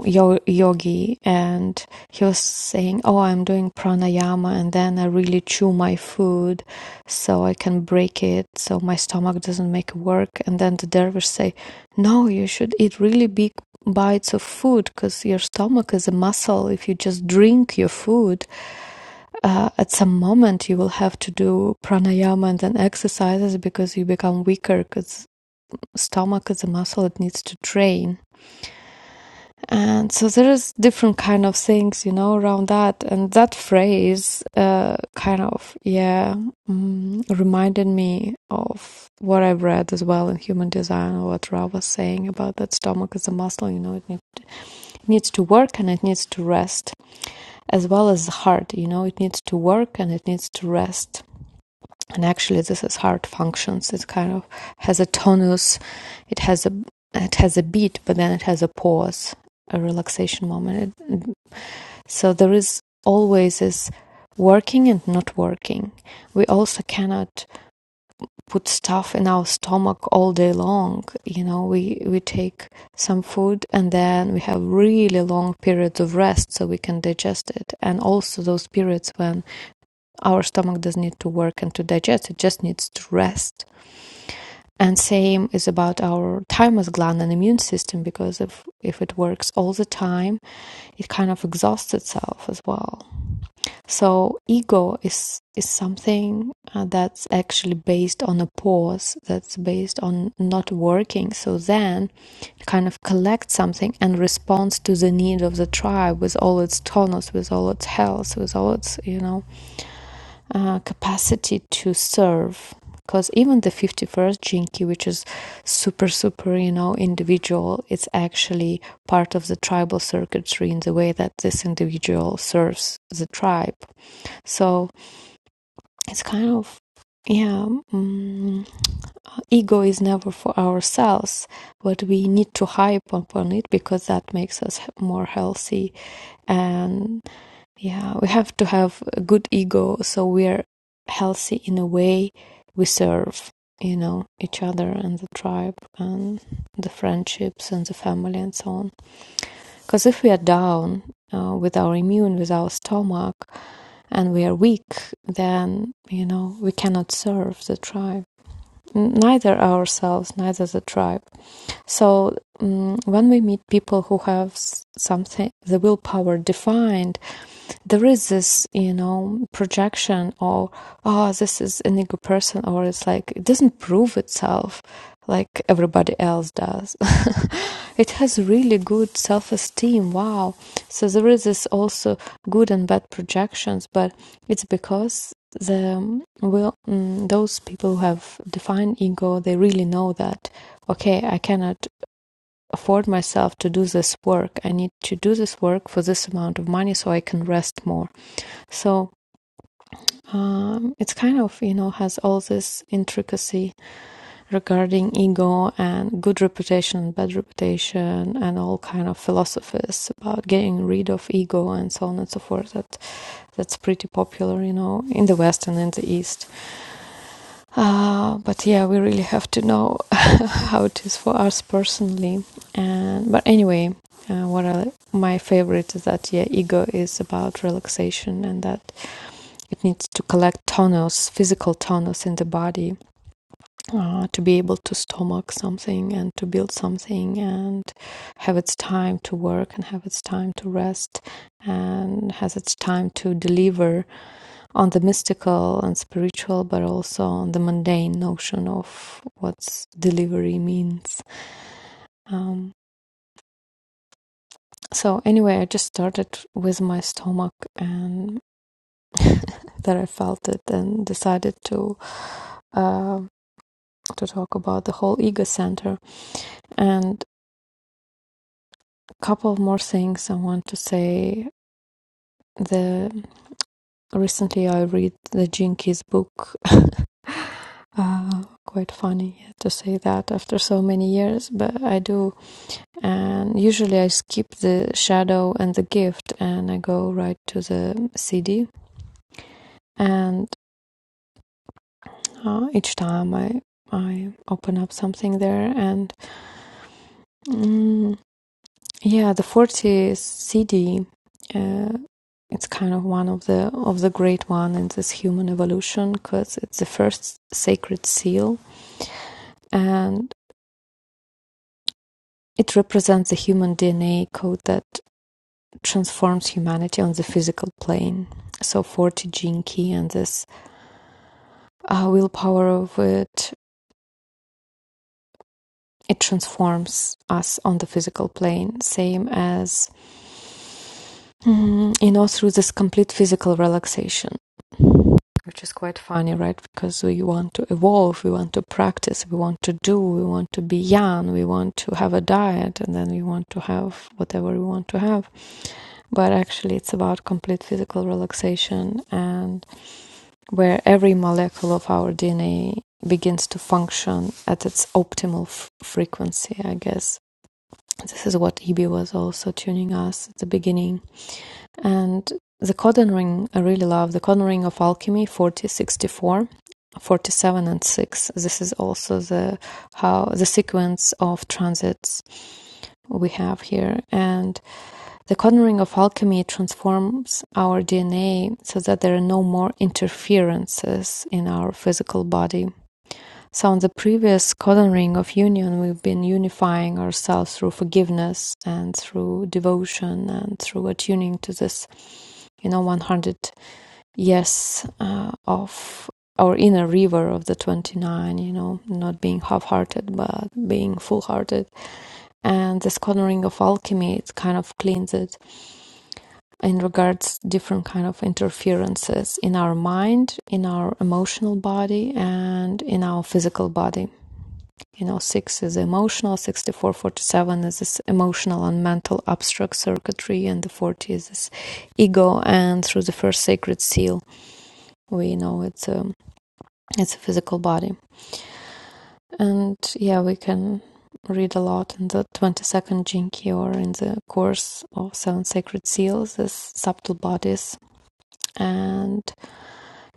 Speaker 2: yo- yogi, and he was saying, "Oh, I'm doing pranayama, and then I really chew my food, so I can break it, so my stomach doesn't make work." And then the dervish say, "No, you should eat really big." bites of food because your stomach is a muscle if you just drink your food uh, at some moment you will have to do pranayama and then exercises because you become weaker because stomach is a muscle it needs to train and so there is different kind of things you know around that and that phrase uh, kind of yeah mm, reminded me of what i've read as well in human design or what ra was saying about that stomach is a muscle you know it need- it needs to work and it needs to rest as well as the heart you know it needs to work and it needs to rest and actually this is how it functions it kind of has a tonus it has a it has a beat but then it has a pause a relaxation moment it, so there is always this working and not working we also cannot put stuff in our stomach all day long you know we we take some food and then we have really long periods of rest so we can digest it and also those periods when our stomach doesn't need to work and to digest it just needs to rest and same is about our thymus gland and immune system because if if it works all the time it kind of exhausts itself as well so ego is is something uh, that's actually based on a pause that's based on not working so then it kind of collects something and responds to the need of the tribe with all its tonus with all its health with all its you know uh, capacity to serve because even the 51st jinki which is super super you know individual it's actually part of the tribal circuitry in the way that this individual serves the tribe so it's kind of yeah mm, ego is never for ourselves but we need to hype upon it because that makes us more healthy and. Yeah, we have to have a good ego so we're healthy in a way we serve, you know, each other and the tribe and the friendships and the family and so on. Because if we are down uh, with our immune, with our stomach, and we are weak, then, you know, we cannot serve the tribe, neither ourselves, neither the tribe. So um, when we meet people who have something, the willpower defined, there is this, you know, projection or, oh, this is an ego person, or it's like, it doesn't prove itself like everybody else does. <laughs> it has really good self esteem. Wow. So there is this also good and bad projections, but it's because the um, will mm, those people who have defined ego they really know that okay, I cannot afford myself to do this work. I need to do this work for this amount of money so I can rest more. So um, it's kind of, you know, has all this intricacy regarding ego and good reputation and bad reputation and all kind of philosophies about getting rid of ego and so on and so forth. That that's pretty popular, you know, in the West and in the East. Uh, but yeah, we really have to know <laughs> how it is for us personally. And but anyway, uh, what I, my favorite is that yeah, ego is about relaxation and that it needs to collect tonus, physical tonus in the body, uh, to be able to stomach something and to build something and have its time to work and have its time to rest and has its time to deliver on the mystical and spiritual, but also on the mundane notion of what delivery means. Um, so, anyway, I just started with my stomach and <laughs> that I felt it and decided to uh, to talk about the whole ego center and a couple of more things I want to say. The recently I read the Jinkies book. <laughs> uh, quite funny to say that after so many years, but I do And usually I skip the shadow and the gift and I go right to the CD. And uh, each time I I open up something there and mm, yeah, the 40 CD uh, it's kind of one of the of the great one in this human evolution because it's the first sacred seal and it represents the human DNA code that transforms humanity on the physical plane. So 40 gene key and this our willpower of it it transforms us on the physical plane same as mm, you know through this complete physical relaxation which is quite funny right because we want to evolve we want to practice we want to do we want to be young we want to have a diet and then we want to have whatever we want to have but actually it's about complete physical relaxation and where every molecule of our DNA begins to function at its optimal f- frequency, I guess. This is what Ibi was also tuning us at the beginning. And the codon ring, I really love the codon ring of alchemy Forty, sixty-four, forty-seven, and 6 this is also the how the sequence of transits we have here and the cornering of alchemy transforms our DNA so that there are no more interferences in our physical body. So, in the previous cornering of union, we've been unifying ourselves through forgiveness and through devotion and through attuning to this, you know, 100 yes uh, of our inner river of the 29, you know, not being half hearted, but being full hearted. And this cornering of alchemy, it kind of cleans it in regards different kind of interferences in our mind in our emotional body and in our physical body you know 6 is emotional 64 47 is this emotional and mental abstract circuitry and the 40 is this ego and through the first sacred seal we know it's a it's a physical body and yeah we can read a lot in the 22nd jinki or in the course of seven sacred seals as subtle bodies and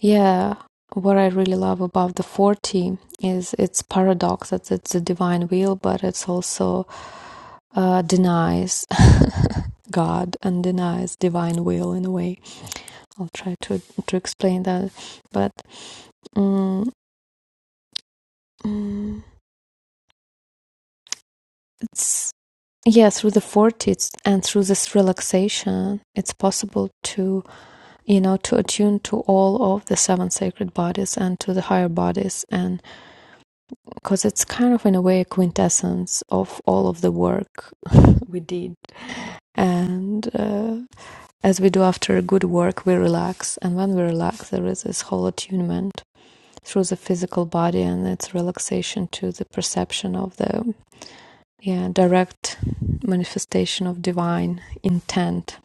Speaker 2: Yeah, what I really love about the 40 is its paradox that it's a divine will, but it's also uh, denies <laughs> God and denies divine will in a way. I'll try to to explain that, but mm, mm, it's yeah through the 40s and through this relaxation it's possible to you know to attune to all of the seven sacred bodies and to the higher bodies and because it's kind of in a way a quintessence of all of the work we did and uh, as we do after good work we relax and when we relax there is this whole attunement through the physical body and its relaxation to the perception of the yeah direct manifestation of divine intent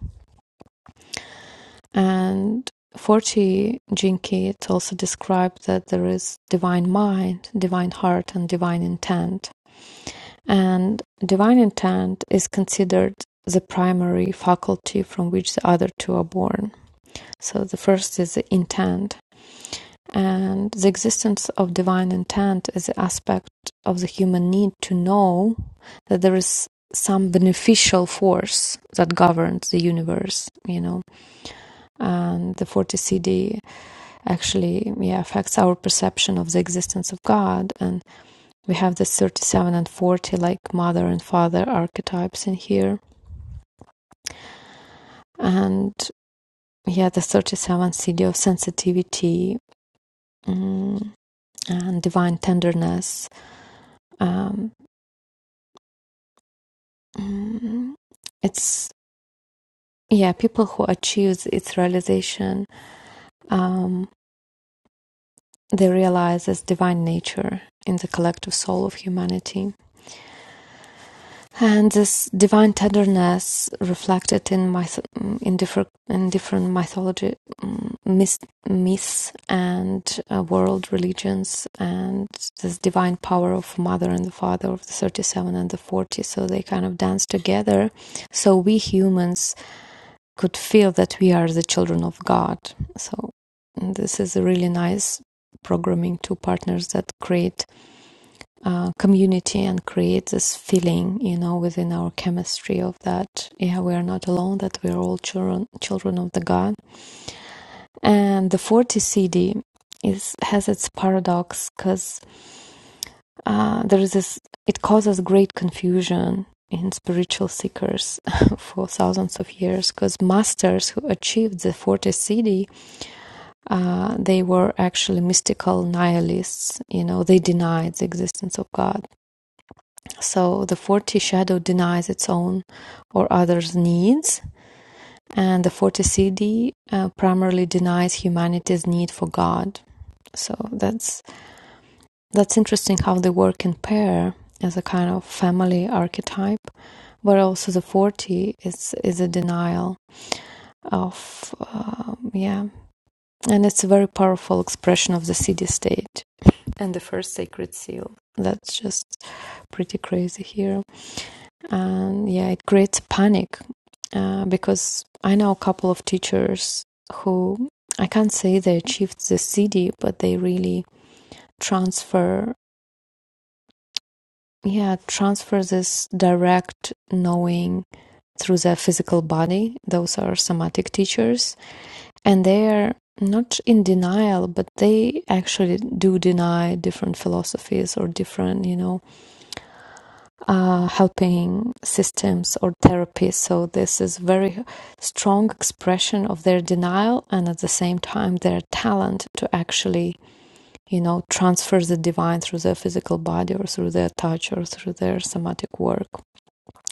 Speaker 2: and 40 Jinki it also described that there is divine mind, divine heart, and divine intent And divine intent is considered the primary faculty from which the other two are born. So the first is the intent. And the existence of divine intent is the aspect of the human need to know that there is some beneficial force that governs the universe, you know. And the 40 CD actually yeah, affects our perception of the existence of God and we have the 37 and 40 like mother and father archetypes in here and yeah the 37 city of sensitivity mm, and divine tenderness um, mm, it's yeah people who achieve its realization um, they realize as divine nature in the collective soul of humanity and this divine tenderness reflected in myth- in different in different mythology mm, myths, myths and uh, world religions and this divine power of mother and the father of the 37 and the 40 so they kind of dance together so we humans could feel that we are the children of god so mm, this is a really nice programming two partners that create uh, community and create this feeling, you know, within our chemistry of that, yeah, we are not alone, that we are all children, children of the God. And the 40 CD is, has its paradox because uh, there is this, it causes great confusion in spiritual seekers <laughs> for thousands of years because masters who achieved the 40 CD, uh, they were actually mystical nihilists, you know, they denied the existence of God So the 40 shadow denies its own or others' needs, and the 40 CD uh, primarily denies humanity's need for God. So that's that's interesting how they work in pair as a kind of family archetype, but also the 40 is is a denial of um, yeah, and it's a very powerful expression of the CD state and the first sacred seal. That's just pretty crazy here, and yeah, it creates panic uh, because I know a couple of teachers who I can't say they achieved the CD, but they really transfer, yeah, transfer this direct knowing through their physical body. Those are somatic teachers, and they are not in denial, but they actually do deny different philosophies or different, you know, uh, helping systems or therapies. So this is very strong expression of their denial and at the same time their talent to actually, you know, transfer the divine through their physical body or through their touch or through their somatic work.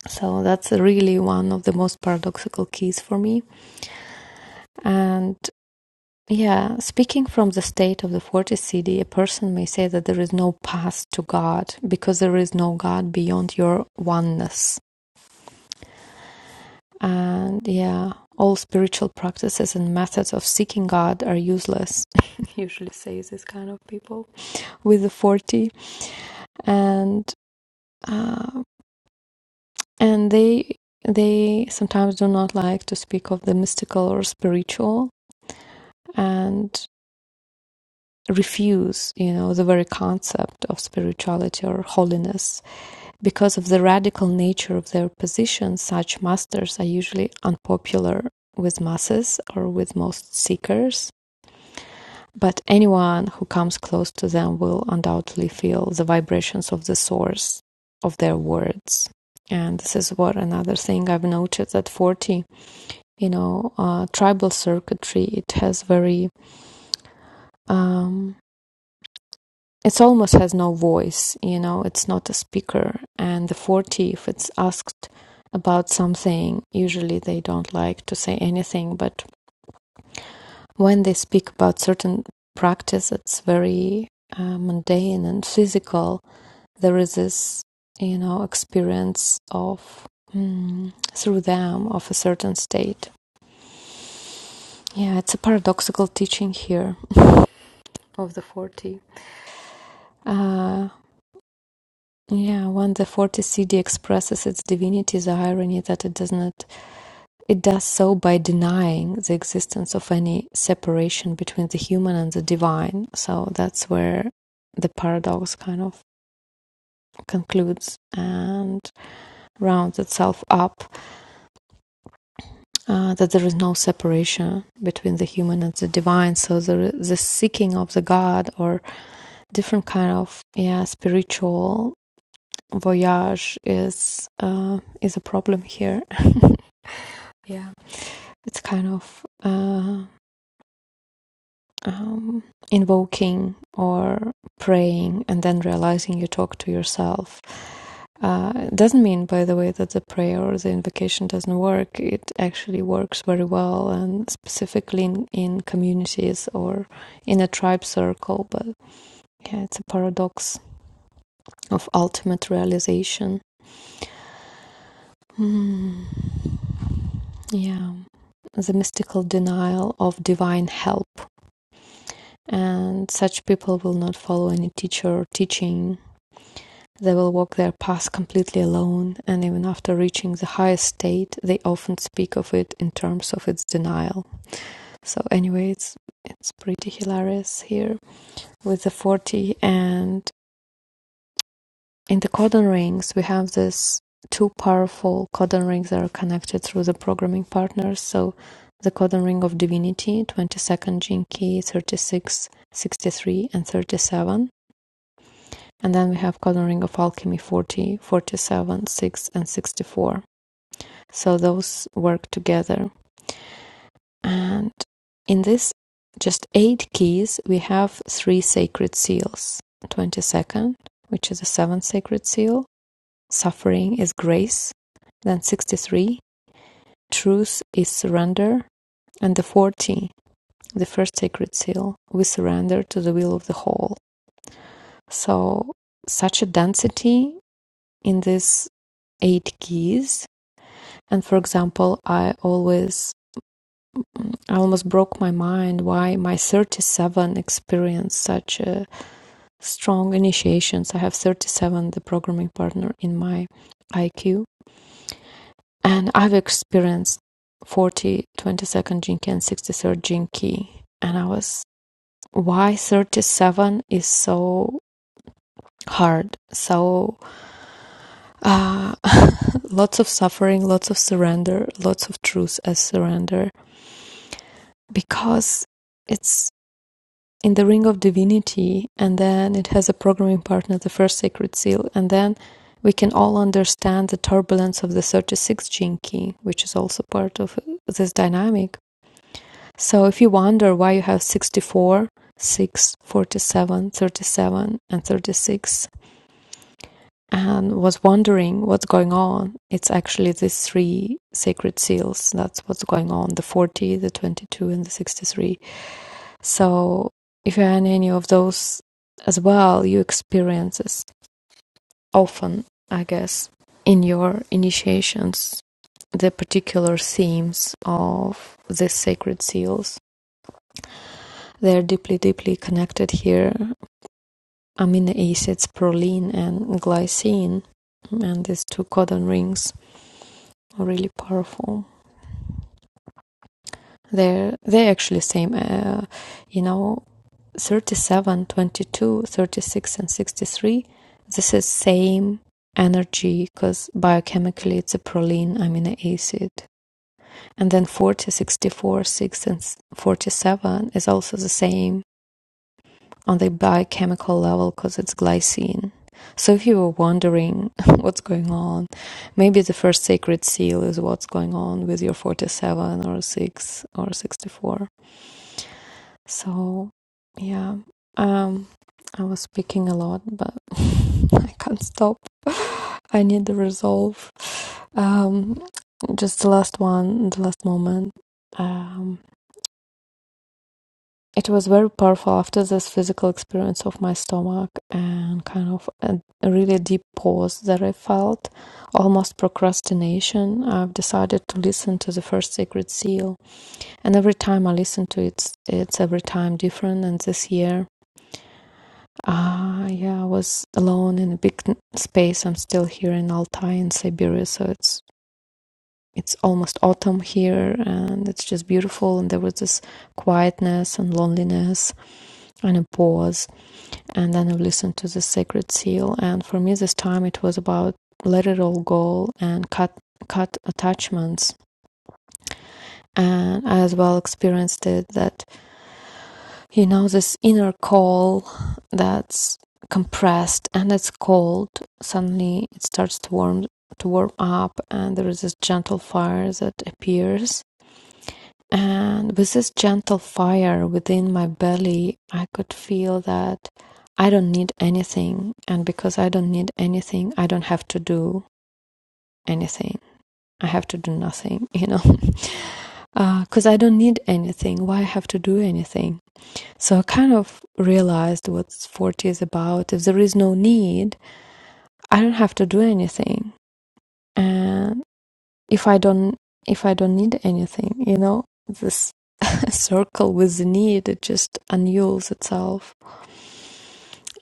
Speaker 2: So that's really one of the most paradoxical keys for me. And yeah, speaking from the state of the 40th CD, a person may say that there is no path to God because there is no God beyond your oneness. and yeah all spiritual practices and methods of seeking god are useless <laughs> usually say this kind of people with the 40 and uh, and they they sometimes do not like to speak of the mystical or spiritual and refuse you know the very concept of spirituality or holiness because of the radical nature of their position such masters are usually unpopular with masses or with most seekers But anyone who comes close to them will undoubtedly feel the vibrations of the source of their words. And this is what another thing I've noticed at 40, you know, uh, tribal circuitry, it has very, um, it almost has no voice, you know, it's not a speaker. And the 40, if it's asked about something, usually they don't like to say anything. But when they speak about certain practice, it's very uh, mundane and physical there is this you know experience of mm, through them of a certain state yeah it's a paradoxical teaching here <laughs> of the 40 uh yeah when the 40 cd expresses its divinity the irony that it does not it does so by denying the existence of any separation between the human and the divine so that's where the paradox kind of concludes and rounds itself up uh, that there is no separation between the human and the divine. So the the seeking of the God or different kind of yeah spiritual voyage is uh, is a problem here. <laughs> Yeah. It's kind of uh, um, invoking or praying and then realizing you talk to yourself. Uh, it doesn't mean, by the way, that the prayer or the invocation doesn't work. It actually works very well, and specifically in, in communities or in a tribe circle. But yeah, it's a paradox of ultimate realization. Hmm. Yeah, the mystical denial of divine help. and such people will not follow any teacher or teaching. They will walk their path completely alone, and even after reaching the highest state, they often speak of it in terms of its denial. So, anyway, it's, it's pretty hilarious here with the 40. And in the codon rings, we have this two powerful codon rings that are connected through the programming partners. So, the codon ring of divinity, 22nd gene key 36, sixty-three, and 37 And then we have coloring of alchemy forty, forty 6, and 64. So those work together. And in this just eight keys, we have three sacred seals 22nd, which is the seventh sacred seal, suffering is grace, then 63, truth is surrender, and the 40, the first sacred seal, we surrender to the will of the whole. So, such a density in this eight keys and for example i always i almost broke my mind why my 37 experienced such a strong initiations i have 37 the programming partner in my iq and i've experienced 40 twenty-second 22nd jinki and 63rd jinki and i was why 37 is so hard so uh, <laughs> lots of suffering lots of surrender lots of truth as surrender because it's in the Ring of Divinity, and then it has a programming partner, the first Sacred Seal, and then we can all understand the turbulence of the thirty-sixth gene key, which is also part of this dynamic. So if you wonder why you have 64, six, forty-seven, thirty-seven, and 36, and was wondering what's going on, it's actually these three sacred seals. That's what's going on the 40, the 22, and the 63. So if you're in any of those as well, you experience this often, I guess, in your initiations, the particular themes of the sacred seals. They're deeply, deeply connected here. Amino acids, proline and glycine, and these two codon rings are really powerful. They're they're actually same, uh, you know, 37, 22, 36, and 63, this is same energy because biochemically it's a proline amino acid. And then forty, sixty-four, 6, and 47 is also the same on the biochemical level because it's glycine. So if you were wondering <laughs> what's going on, maybe the first sacred seal is what's going on with your 47 or 6 or 64. So, yeah, um, I was speaking a lot, but <laughs> I can't stop. <laughs> I need the resolve. Um, just the last one, the last moment. Um, it was very powerful after this physical experience of my stomach and kind of a, a really deep pause that I felt, almost procrastination. I've decided to listen to the first sacred seal, and every time I listen to it, it's every time different. And this year, Ah, uh, yeah, I was alone in a big n- space. I'm still here in Altai in Siberia, so it's it's almost autumn here, and it's just beautiful. And there was this quietness and loneliness and a pause, and then I listened to the sacred seal. And for me, this time it was about let it all go and cut cut attachments. And I as well experienced it that You know, this inner call that's compressed and it's cold. Suddenly it starts to warm to warm up and there is this gentle fire that appears. And with this gentle fire within my belly, I could feel that I don't need anything. And because I don't need anything, I don't have to do anything. I have to do nothing, <laughs> you know, because <laughs> uh, I don't need anything. Why I have to do anything? So I kind of realized what 40 is about. If there is no need, I don't have to do anything. And if I don't, if I don't need anything, you know, this <laughs> circle with the need, it just unravels itself.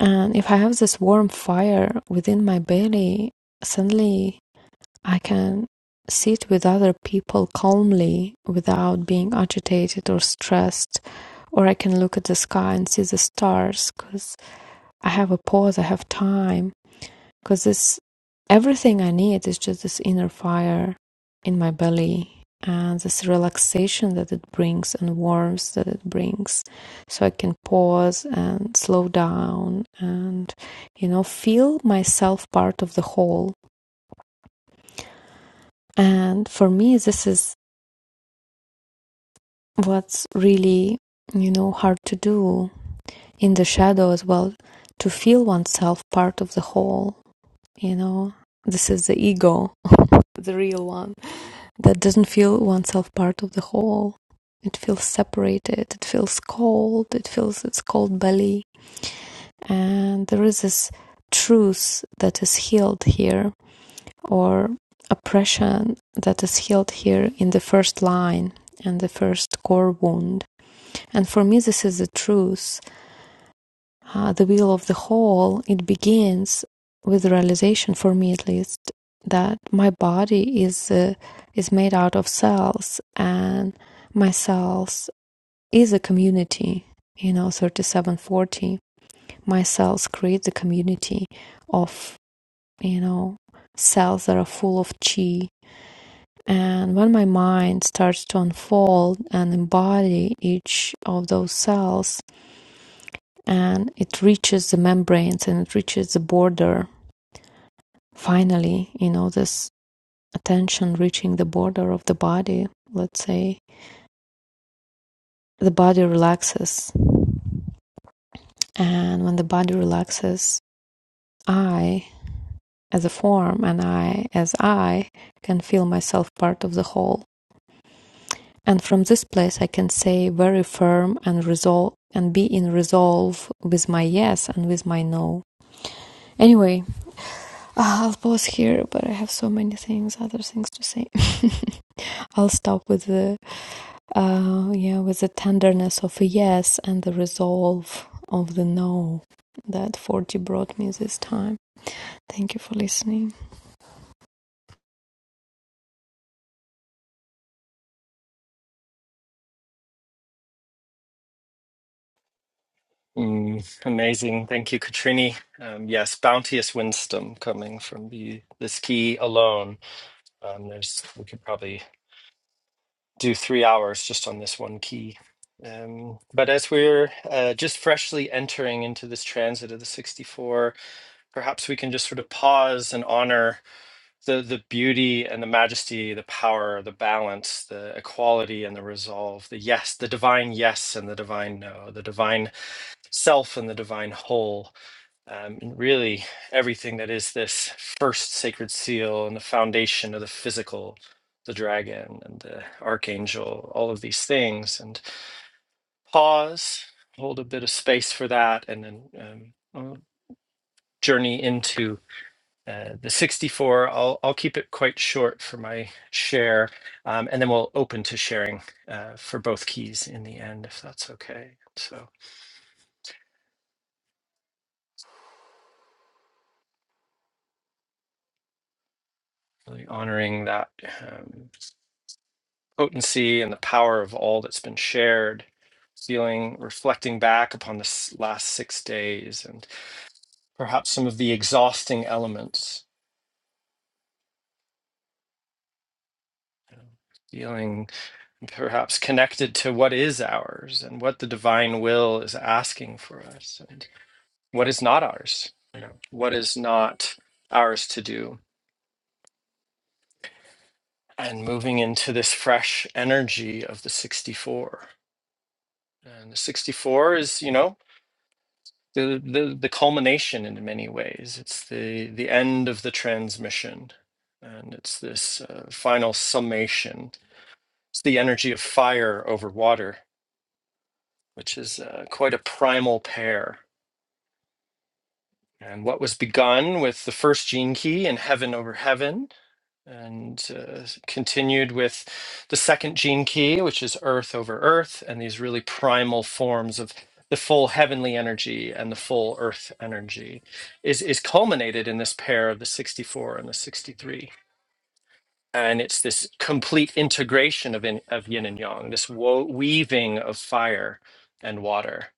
Speaker 2: And if I have this warm fire within my belly, suddenly I can sit with other people calmly without being agitated or stressed or I can look at the sky and see the stars because. I have a pause, I have time, because this everything I need is just this inner fire in my belly and this relaxation that it brings and warmth that it brings. So I can pause and slow down and, you know, feel myself part of the whole. And for me, this is what's really, you know, hard to do in the shadow as well to feel oneself part of the whole you know this is the ego <laughs> the real one that doesn't feel oneself part of the whole it feels separated it feels cold it feels its cold belly and there is this truth that is healed here or oppression that is healed here in the first line and the first core wound and for me this is the truth uh, the will of the whole, it begins with the realization, for me at least, that my body is uh, is made out of cells, and my cells is a community. You know, thirty-seven, forty. My cells create the community of you know cells that are full of chi. And when my mind starts to unfold and embody each of those cells, and it reaches the membranes and it reaches the border. Finally, you know, this attention reaching the border of the body, let's say, the body relaxes. And when the body relaxes, I, as a form, and I, as I, can feel myself part of the whole. And from this place, I can say very firm and resolve and be in resolve with my yes and with my no. Anyway, Ah, I'll pause here, but I have so many things, other things to say. <laughs> I'll stop with the uh, yeah, with the tenderness of a yes and the resolve of the no that 40 brought me this time. Thank you for listening.
Speaker 1: Mm, amazing. Thank you, Katrini. Um, yes, bounteous wisdom coming from the this key alone. Um, there's we could probably do three hours just on this one key. Um, but as we're uh, just freshly entering into this transit of the 64, perhaps we can just sort of pause and honor the the beauty and the majesty, the power, the balance, the equality and the resolve, the yes, the divine yes and the divine no, the divine self and the divine whole um, and really everything that is this first sacred seal and the foundation of the physical, the dragon and the archangel, all of these things. And pause, hold a bit of space for that, and then um, I'll journey into. Uh, the 64 I'll, I'll keep it quite short for my share um, and then we'll open to sharing uh, for both keys in the end if that's okay so really honoring that Um, potency and the power of all that's been shared, feeling reflecting back upon the last six days and perhaps some of the exhausting elements, you know, feeling perhaps connected to what is ours and what the divine will is asking for us and what is not ours, you know, what is not ours to do. And moving into this fresh energy of the 64. And the 64 is, you know, the the the culmination in many ways. It's the the end of the transmission, and it's this uh, final summation. It's the energy of fire over water, which is uh, quite a primal pair. And what was begun with the first gene key in Heaven Over Heaven, and uh, continued with the second gene key, which is Earth Over Earth, and these really primal forms of the full heavenly energy and the full Earth energy, is is culminated in this pair of the sixty four and the sixty three. And it's this complete integration of, in, of yin and yang, this wo- weaving of fire and water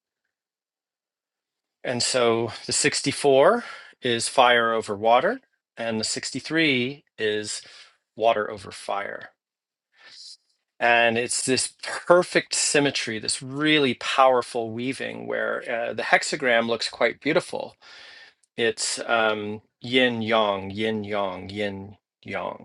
Speaker 1: and so the 64 is fire over water, and the 63 is water over fire. And it's this perfect symmetry, this really powerful weaving where uh, the hexagram looks quite beautiful. It's um, yin yang, yin yang, yin yang.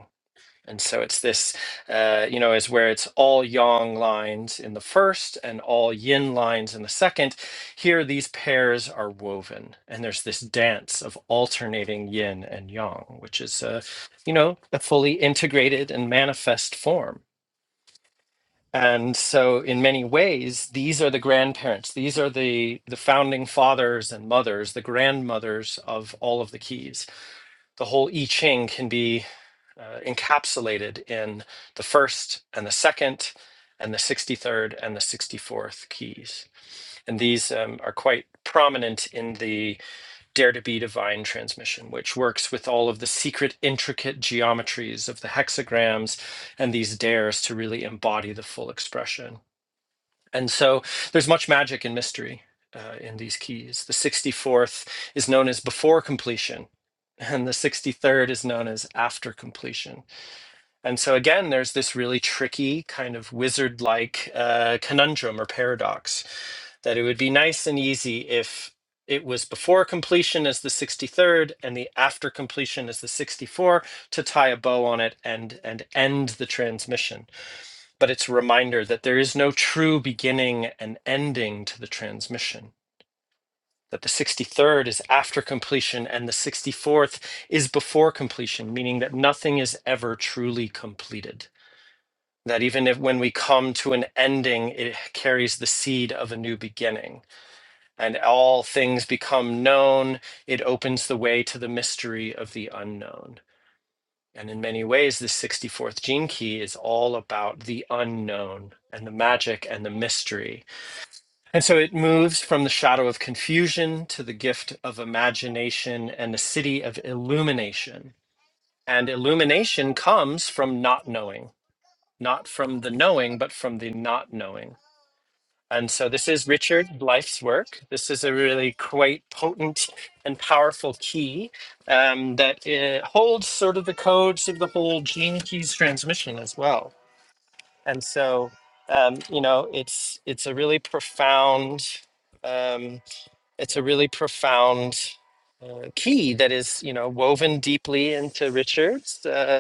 Speaker 1: And so it's this, uh, you know, is where it's all yang lines in the first and all yin lines in the second. Here, these pairs are woven, and there's this dance of alternating yin and yang, which is, a, you know, a fully integrated and manifest form. And so, in many ways, these are the grandparents. These are the the founding fathers and mothers, the grandmothers of all of the keys. The whole I Ching can be uh, encapsulated in the first and the second and the 63rd and the 64th keys. And these um, are quite prominent in the Dare to Be Divine transmission, which works with all of the secret, intricate geometries of the hexagrams and these dares to really embody the full expression. And so there's much magic and mystery uh, in these keys. The 64th is known as before completion, and the 63rd is known as after completion and so again, there's this really tricky kind of wizard-like uh, conundrum or paradox that it would be nice and easy if it was before completion as the 63rd and the after completion as the 64 to tie a bow on it and and end the transmission. But it's a reminder that there is no true beginning and ending to the transmission. That the 63rd is after completion and the 64th is before completion, meaning that nothing is ever truly completed that even if when we come to an ending, it carries the seed of a new beginning, and all things become known. It opens the way to the mystery of the unknown. And in many ways, this 64th gene key is all about the unknown and the magic and the mystery. And so it moves from the shadow of confusion to the gift of imagination and the city of illumination. And illumination comes from not knowing, not from the knowing, but from the not knowing. And so this is Richard Blyth's work. This is a really quite potent and powerful key um, that uh, holds sort of the codes of the whole gene keys transmission as well. And so, um, you know, it's it's a really profound, um, it's a really profound uh, key that is, you know, woven deeply into Richard's. uh,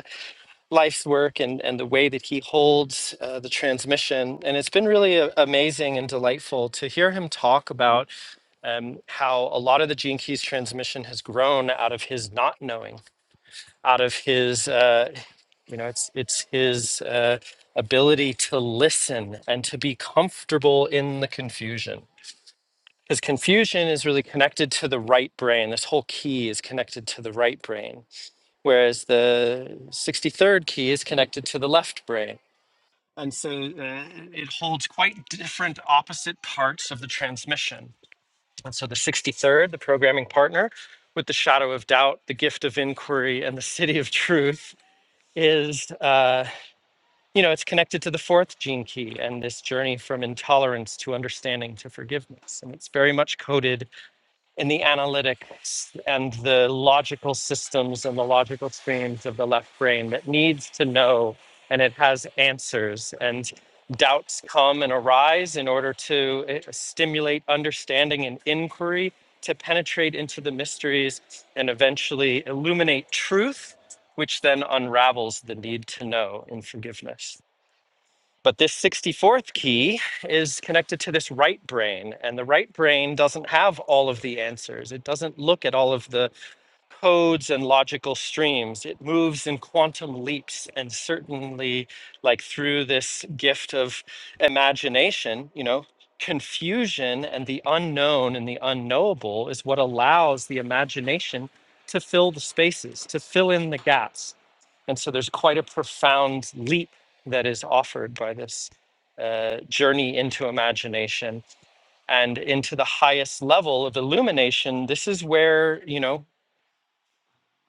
Speaker 1: life's work and, and the way that he holds uh, the transmission. And it's been really a- amazing and delightful to hear him talk about um, how a lot of the Gene Keys transmission has grown out of his not knowing, out of his, uh, you know, it's, it's his uh, ability to listen and to be comfortable in the confusion. Because confusion is really connected to the right brain. This whole key is connected to the right brain whereas the 63rd key is connected to the left brain and so uh, it holds quite different opposite parts of the transmission. And so the 63rd, the programming partner, with the shadow of doubt, the gift of inquiry, and the city of truth is, uh, you know, it's connected to the fourth gene key and this journey from intolerance to understanding to forgiveness. And it's very much coded in the analytics and the logical systems and the logical streams of the left brain that needs to know and it has answers and doubts come and arise in order to eh, stimulate understanding and inquiry to penetrate into the mysteries and eventually illuminate truth which then unravels the need to know in forgiveness but this 64th key is connected to this right brain, and the right brain doesn't have all of the answers. It doesn't look at all of the codes and logical streams. It moves in quantum leaps, and certainly, like through this gift of imagination, you know. Confusion and the unknown and the unknowable is what allows the imagination to fill the spaces, to fill in the gaps, and so there's quite a profound leap that is offered by this uh, journey into imagination and into the highest level of illumination. This is where, you know,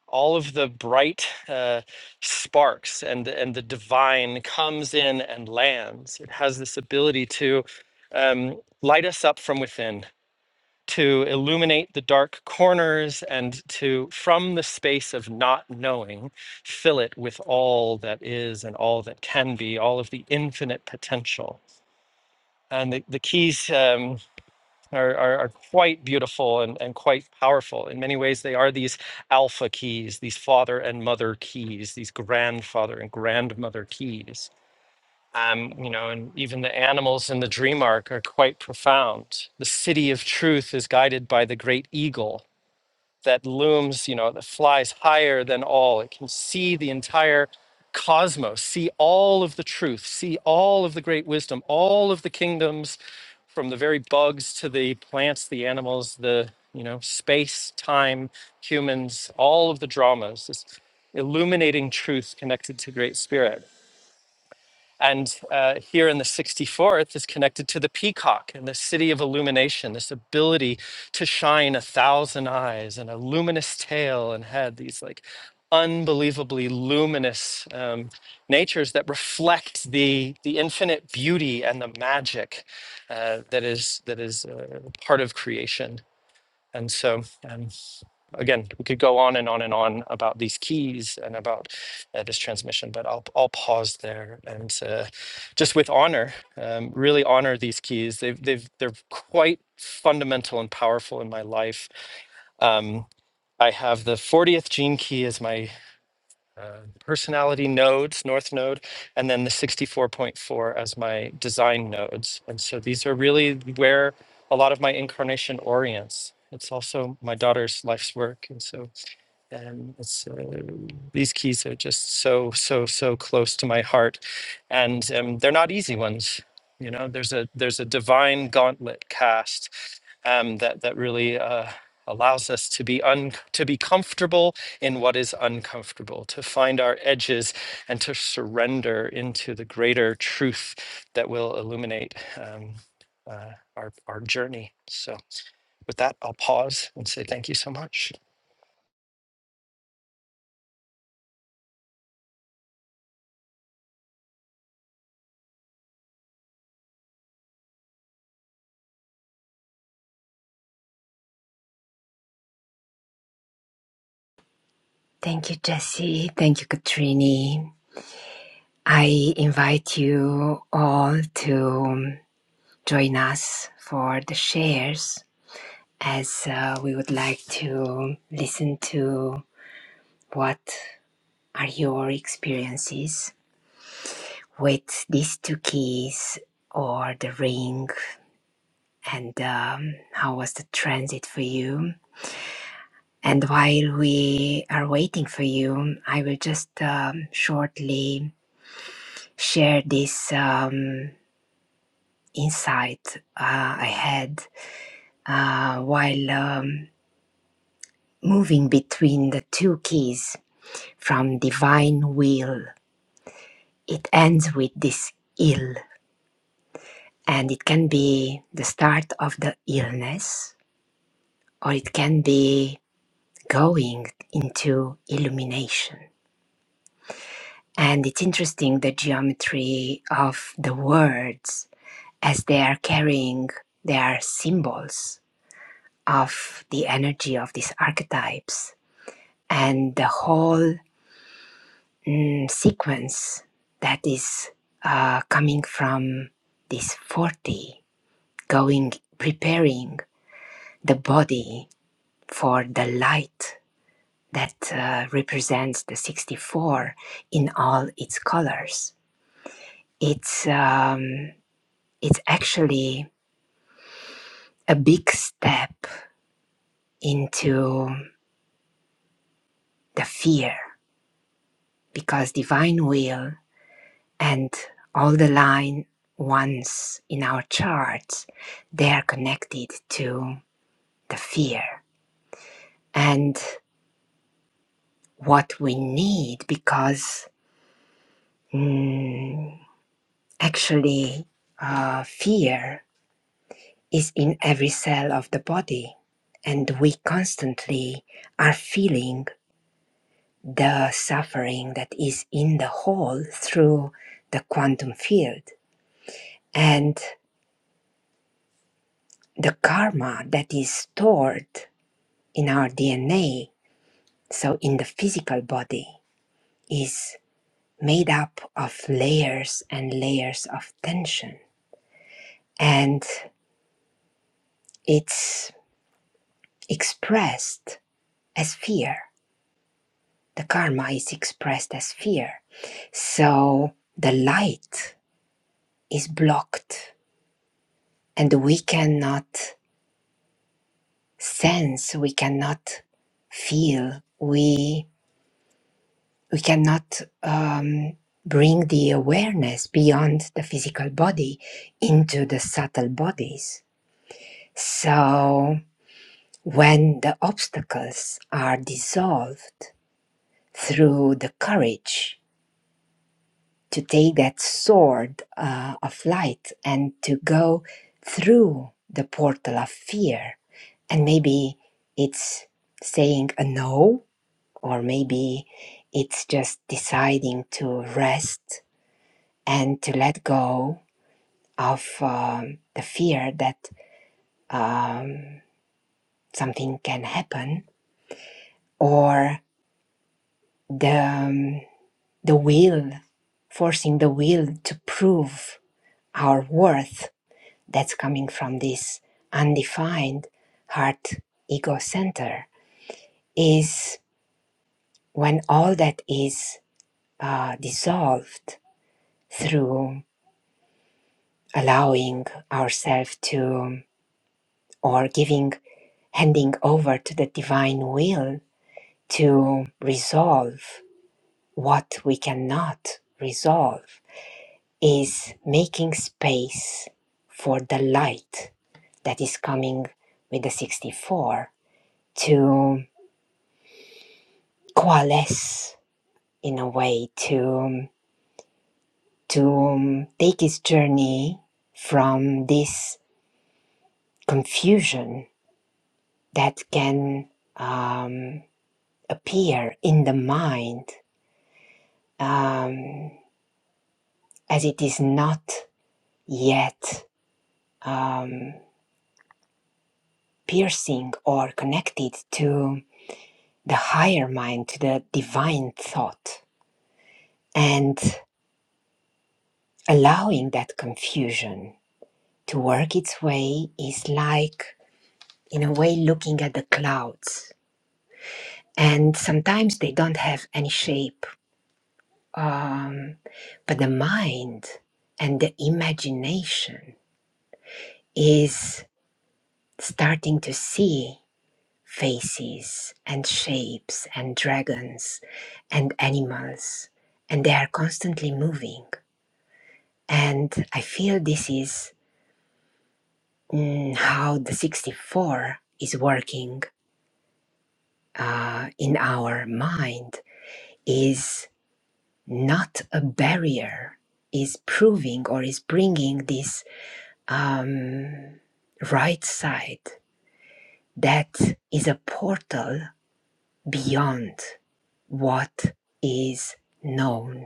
Speaker 1: all of the bright uh, sparks and, and the divine comes in and lands. It has this ability to um, light us up from within to illuminate the dark corners and to, from the space of not knowing, fill it with all that is and all that can be, all of the infinite potential. And the, the keys um, are, are, are quite beautiful and, and quite powerful. In many ways, they are these alpha keys, these father and mother keys, these grandfather and grandmother keys. Um, you know, and even the animals in the dream arc are quite profound. The city of truth is guided by the great eagle that looms, you know, that flies higher than all. It can see the entire cosmos, see all of the truth, see all of the great wisdom, all of the kingdoms from the very bugs to the plants, the animals, the, you know, space, time, humans, all of the dramas, this illuminating truth connected to Great Spirit. And uh, here in the 64th is connected to the peacock and the city of illumination, this ability to shine a thousand eyes and a luminous tail and head, these like unbelievably luminous um, natures that reflect the, the infinite beauty and the magic uh, that is, that is uh, part of creation. And so, um, again, we could go on and on and on about these keys and about uh, this transmission, but I'll, I'll pause there and uh, just with honor, um, really honor these keys. They've, they've, they're quite fundamental and powerful in my life. Um, I have the 40th gene key as my uh, personality nodes, North Node, and then the 64.4 as my design nodes. And so these are really where a lot of my incarnation orients. It's also my daughter's life's work. And so and it's, uh, these keys are just so so so close to my heart and um, they're not easy ones you know there's a there's a divine gauntlet cast um, that that really uh, allows us to be un to be comfortable in what is uncomfortable to find our edges and to surrender into the greater truth that will illuminate um, uh, our our journey so with that i'll pause and say thank you so much
Speaker 3: Thank you, Jesse. Thank you, Katrini. I invite you all to um, join us for the shares as uh, we would like to listen to what are your experiences with these two keys or the ring and um, how was the transit for you. And while we are waiting for you, I will just um, shortly share this um, insight uh, I had uh, while um, moving between the two keys from divine will. It ends with this ill, and it can be the start of the illness, or it can be going into illumination. And it's interesting the geometry of the words as they are carrying their symbols of the energy of these archetypes and the whole mm, sequence that is uh, coming from this 40 going preparing the body for the light that uh, represents the 64 in all its colors it's um, it's actually a big step into the fear because divine will and all the line ones in our charts they are connected to the fear and what we need because mm, actually uh, fear is in every cell of the body and we constantly are feeling the suffering that is in the whole through the quantum field and the karma that is stored in our DNA, so in the physical body, is made up of layers and layers of tension. And it's expressed as fear. The karma is expressed as fear. So the light is blocked and we cannot sense, we cannot feel. We we cannot um, bring the awareness beyond the physical body into the subtle bodies. So, when the obstacles are dissolved through the courage to take that sword uh, of light and to go through the portal of fear, and maybe it's saying a no, or maybe it's just deciding to rest and to let go of um, the fear that um, something can happen or the um, the will forcing the will to prove our worth that's coming from this undefined heart ego center is when all that is uh, dissolved through allowing ourselves to or giving handing over to the divine will to resolve what we cannot resolve is making space for the light that is coming with the 64 to coalesce in a way to to take his journey from this confusion that can um, appear in the mind um, as it is not yet um, piercing or connected to the higher mind, to the divine thought. And allowing that confusion to work its way is like, in a way, looking at the clouds. And sometimes they don't have any shape, um, but the mind and the imagination is starting to see faces and shapes and dragons and animals, and they are constantly moving. And I feel this is mm, how the 64 is working uh, in our mind is not a barrier, is proving or is bringing this um, right side that is a portal beyond what is known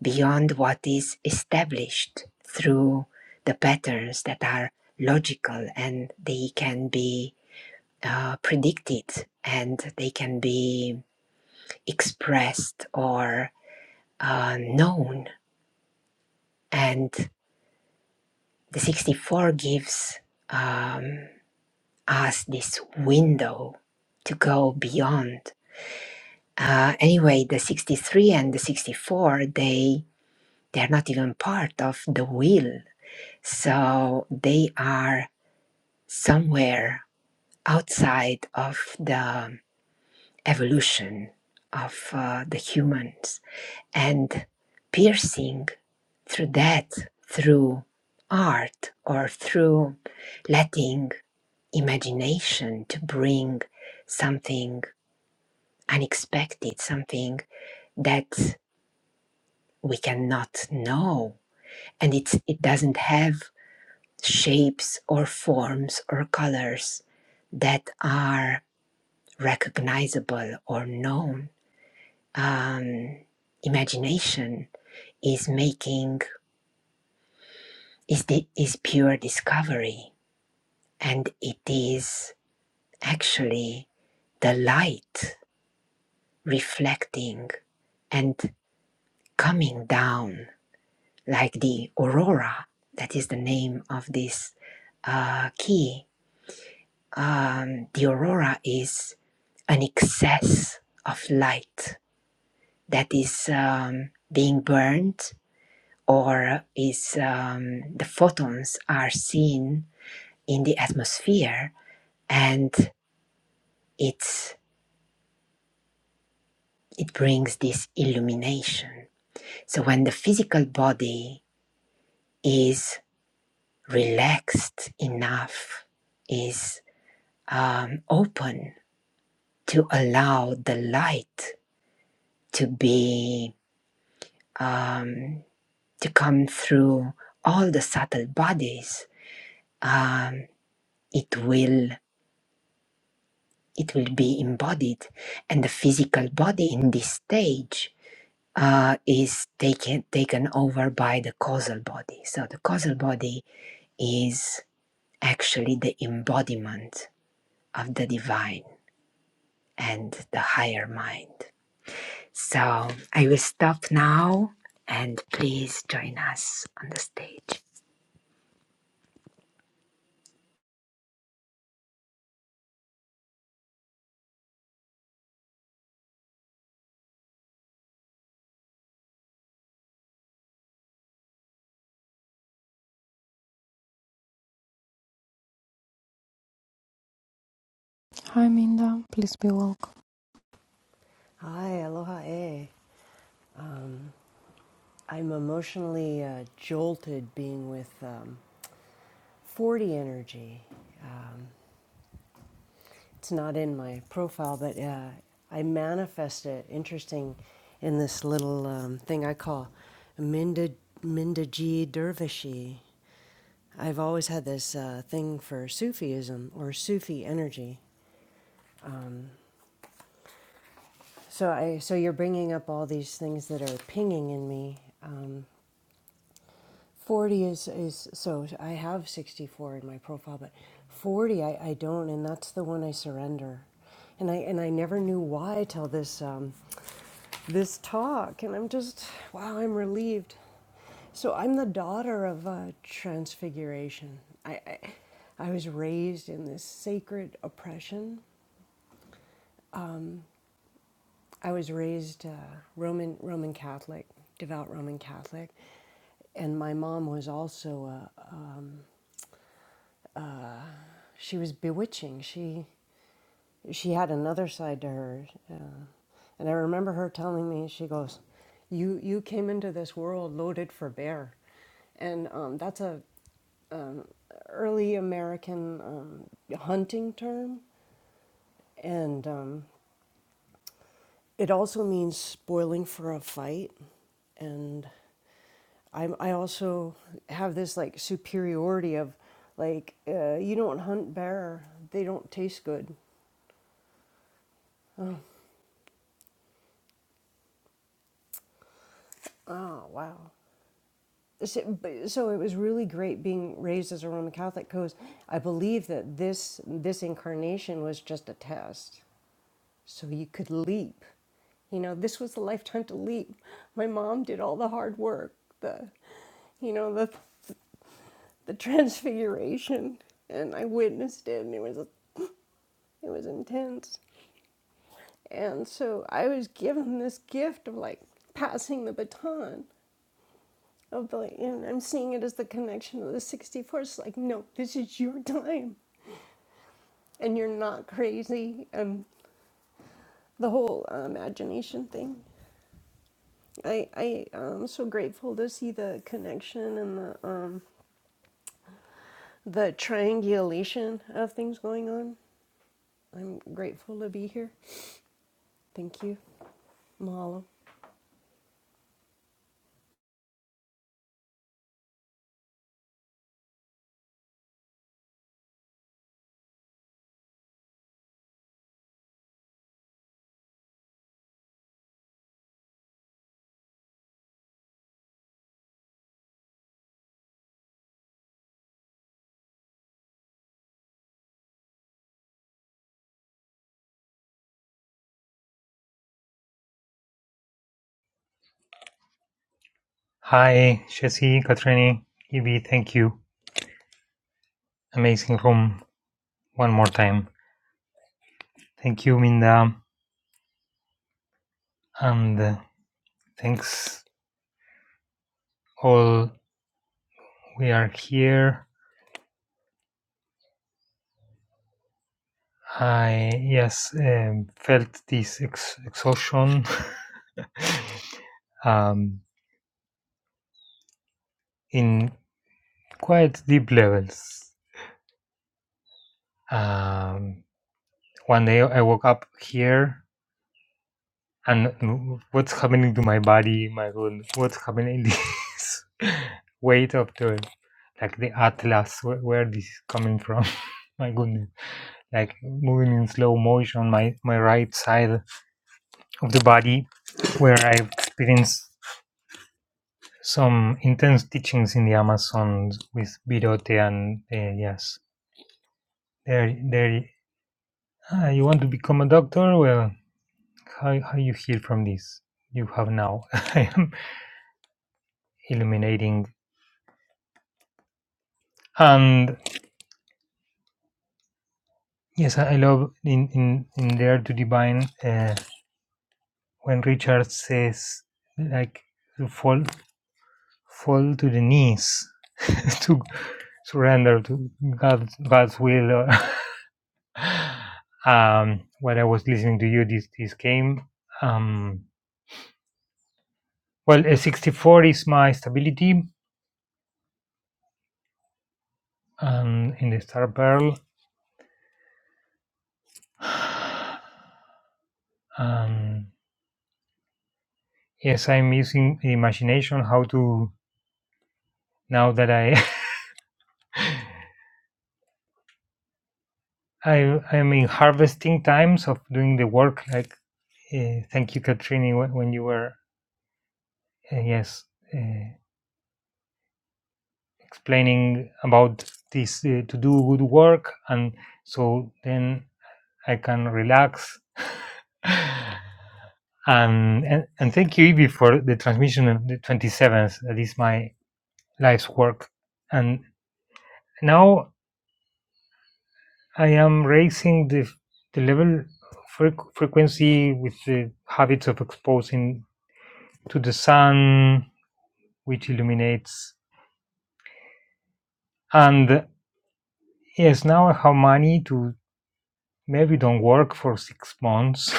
Speaker 3: beyond what is established through the patterns that are logical and they can be uh, predicted and they can be expressed or uh, known. And the 64 gives um, us this window to go beyond. Uh, anyway, the 63 and the 64, they they're not even part of the will. So they are somewhere outside of the evolution of uh, the humans and piercing through that through art or through letting imagination to bring something unexpected something that we cannot know and it's, it doesn't have shapes or forms or colors that are recognizable or known um, imagination is making is the, is pure discovery and it is actually the light reflecting and coming down like the aurora that is the name of this uh, key um, the aurora is an excess of light that is um, being burned or is um, the photons are seen in the atmosphere and it's it brings this illumination so when the physical body is relaxed enough is um, open to allow the light to be um, to come through all the subtle bodies um, it will it will be embodied and the physical body in this stage uh, is taken taken over by the causal body so the causal body is actually the embodiment of the divine and the higher mind so i will stop now and please join us on the stage
Speaker 2: Hi, Minda. Please be welcome.
Speaker 4: Hi, aloha e. Um, I'm emotionally uh, jolted being with um, 40 energy. Um, it's not in my profile, but uh, I manifest it. Interesting in this little um, thing I call Minda, Minda G. Dervishi. I've always had this uh, thing for Sufism or Sufi energy. So I, so you're bringing up all these things that are pinging in me. Um, 40 is is so i have 64 in my profile but 40 i, I don't and that's the one i surrender and i and i never knew why till this um, this talk and i'm just wow i'm relieved so i'm the daughter of uh, transfiguration I, I i was raised in this sacred oppression i was raised uh, roman roman catholic devout roman catholic and my mom was also a um, she was bewitching. She she had another side to her, uh, and I remember her telling me, she goes, "You you came into this world loaded for bear," and um, that's a early American um, hunting term, and um, it also means spoiling for a fight, and I, I also have this like superiority of like uh, you don't hunt bear they don't taste good oh wow So, so it was really great being raised as a Roman Catholic because I believe that this this incarnation was just a test, so you could leap. You know, this was the lifetime to leap. My mom did all the hard work, the, you know, the the transfiguration, and I witnessed it, and it was it was intense. And so I was given this gift of like passing the baton, of the and I'm seeing it as the connection of the 64th. Like, no, this is your time, and you're not crazy. And the whole uh, imagination thing. I I am so grateful to see the connection and the um the triangulation of things going on. I'm grateful to be here. Thank you, Mahalo.
Speaker 5: Hi, Jesse, Katrini, Evie, thank you. Amazing room one more time. Thank you, Minda, and uh, thanks all. We are here. I yes um, felt this ex- exhaustion <laughs> um, in quite deep levels. Um, one day I woke up here and what's happening to my body my goodness? what's happening in this <laughs> weight of the like the atlas where, where this is coming from <laughs> my goodness like moving in slow motion my my right side of the body where i've experienced some intense teachings in the amazon with birote and uh, yes there there ah, you want to become a doctor well how, how you heal from this you have now <laughs> i am illuminating And yes, I love in in in Dare to Divine uh, when Richard says like to fall fall to the knees <laughs> to surrender to God's God's will. or- <laughs> um, while I was listening to you, this this game. Um, well, a sixty four is my stability, um, in the Star Pearl. <sighs> Um, yes, I'm using imagination how to now that I I I'm in harvesting times of doing the work. Like uh, thank you, Katrini, when, when you were uh, yes uh, explaining about this uh, to do good work, and so then I can relax. <laughs> and, and and thank you, Ibi, for the transmission of the twenty seventh. That is my life's work, and now I am raising the the level. Frequency with the habits of exposing to the sun, which illuminates. And yes, now I have money to maybe don't work for six months.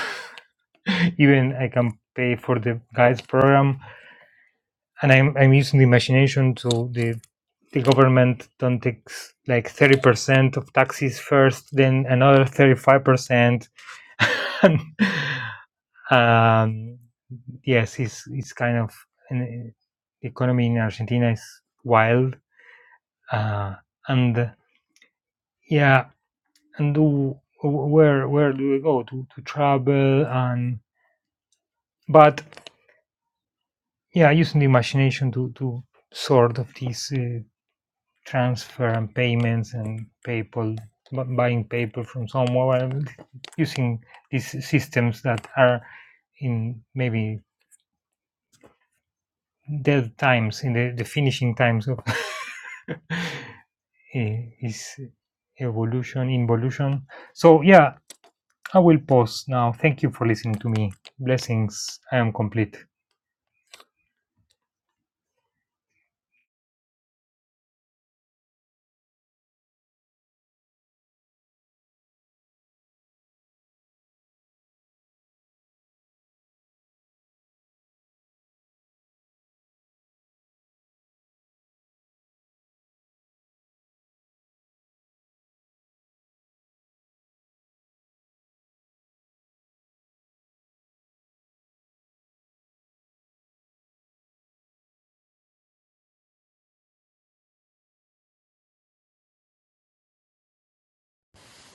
Speaker 5: <laughs> Even I can pay for the guides program, and I'm I'm using the imagination to the the government don't take like thirty percent of taxes first, then another thirty five percent. <laughs> And, Um, yes, it's it's kind of an, the economy in Argentina is wild, uh, and Yeah, and do where where do we go to to travel and but yeah, using the imagination to to sort of these uh, transfer and payments and PayPal bu- buying PayPal from somewhere and using these systems that are in maybe dead times in the, the finishing times of <laughs> eh, his evolution involution so yeah i will pause now thank you for listening to me blessings i am complete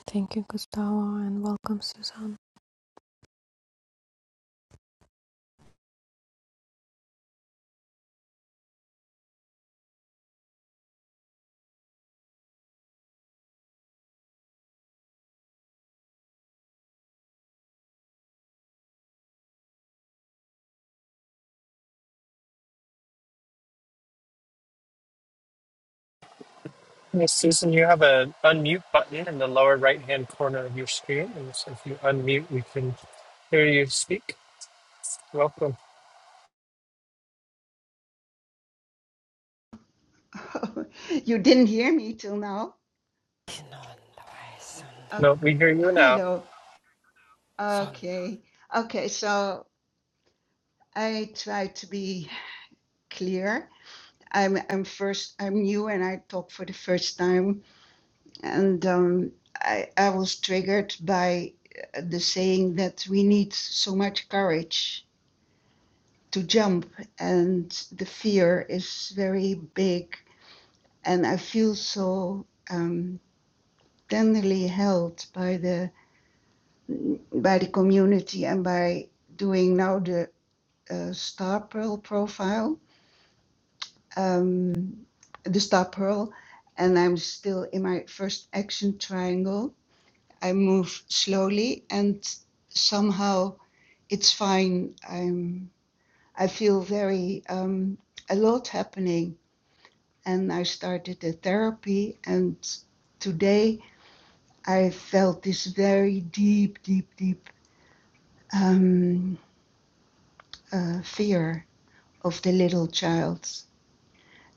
Speaker 2: Thank you, Gustavo, and welcome, Susan.
Speaker 1: Hey, Susan, you have an unmute button in the lower right hand corner of your screen. And so if you unmute, we can hear you speak. Welcome.
Speaker 6: <laughs> You didn't hear me till now? Uh,
Speaker 1: No, we hear you now.
Speaker 6: hello. Okay. Okay, so I try to be clear. I'm I'm first I'm new and I talk for the first time and um, I I was triggered by uh, the saying that we need so much courage to jump and the fear is very big and I feel so um, tenderly held by the by the community and by doing now the uh, Star Pearl profile, um, the Star Pearl, and I'm still in my first action triangle. I move slowly, and somehow it's fine. I'm I feel very um, a lot happening, and I started the therapy, and today I felt this very deep, deep, deep um, uh, fear of the little child.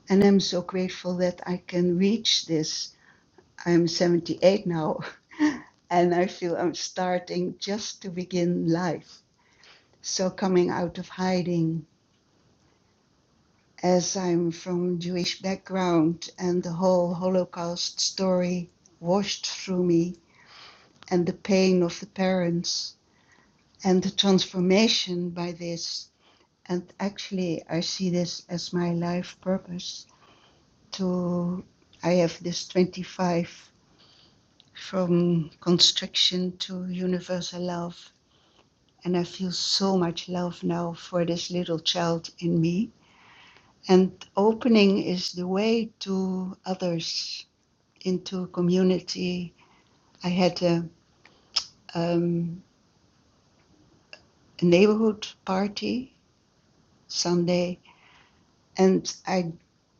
Speaker 6: And I'm so grateful that I can reach this. I'm 78 now, <laughs> and I feel I'm starting just to begin life. So, coming out of hiding, as I'm from Jewish background, and the whole Holocaust story washed through me, and the pain of the parents, and the transformation by this. And actually, I see this as my life purpose to I have this 25 from constriction to universal love. And I feel so much love now for this little child in me. And opening is the way to others into a community. I had a, um, a neighborhood party Sunday, and I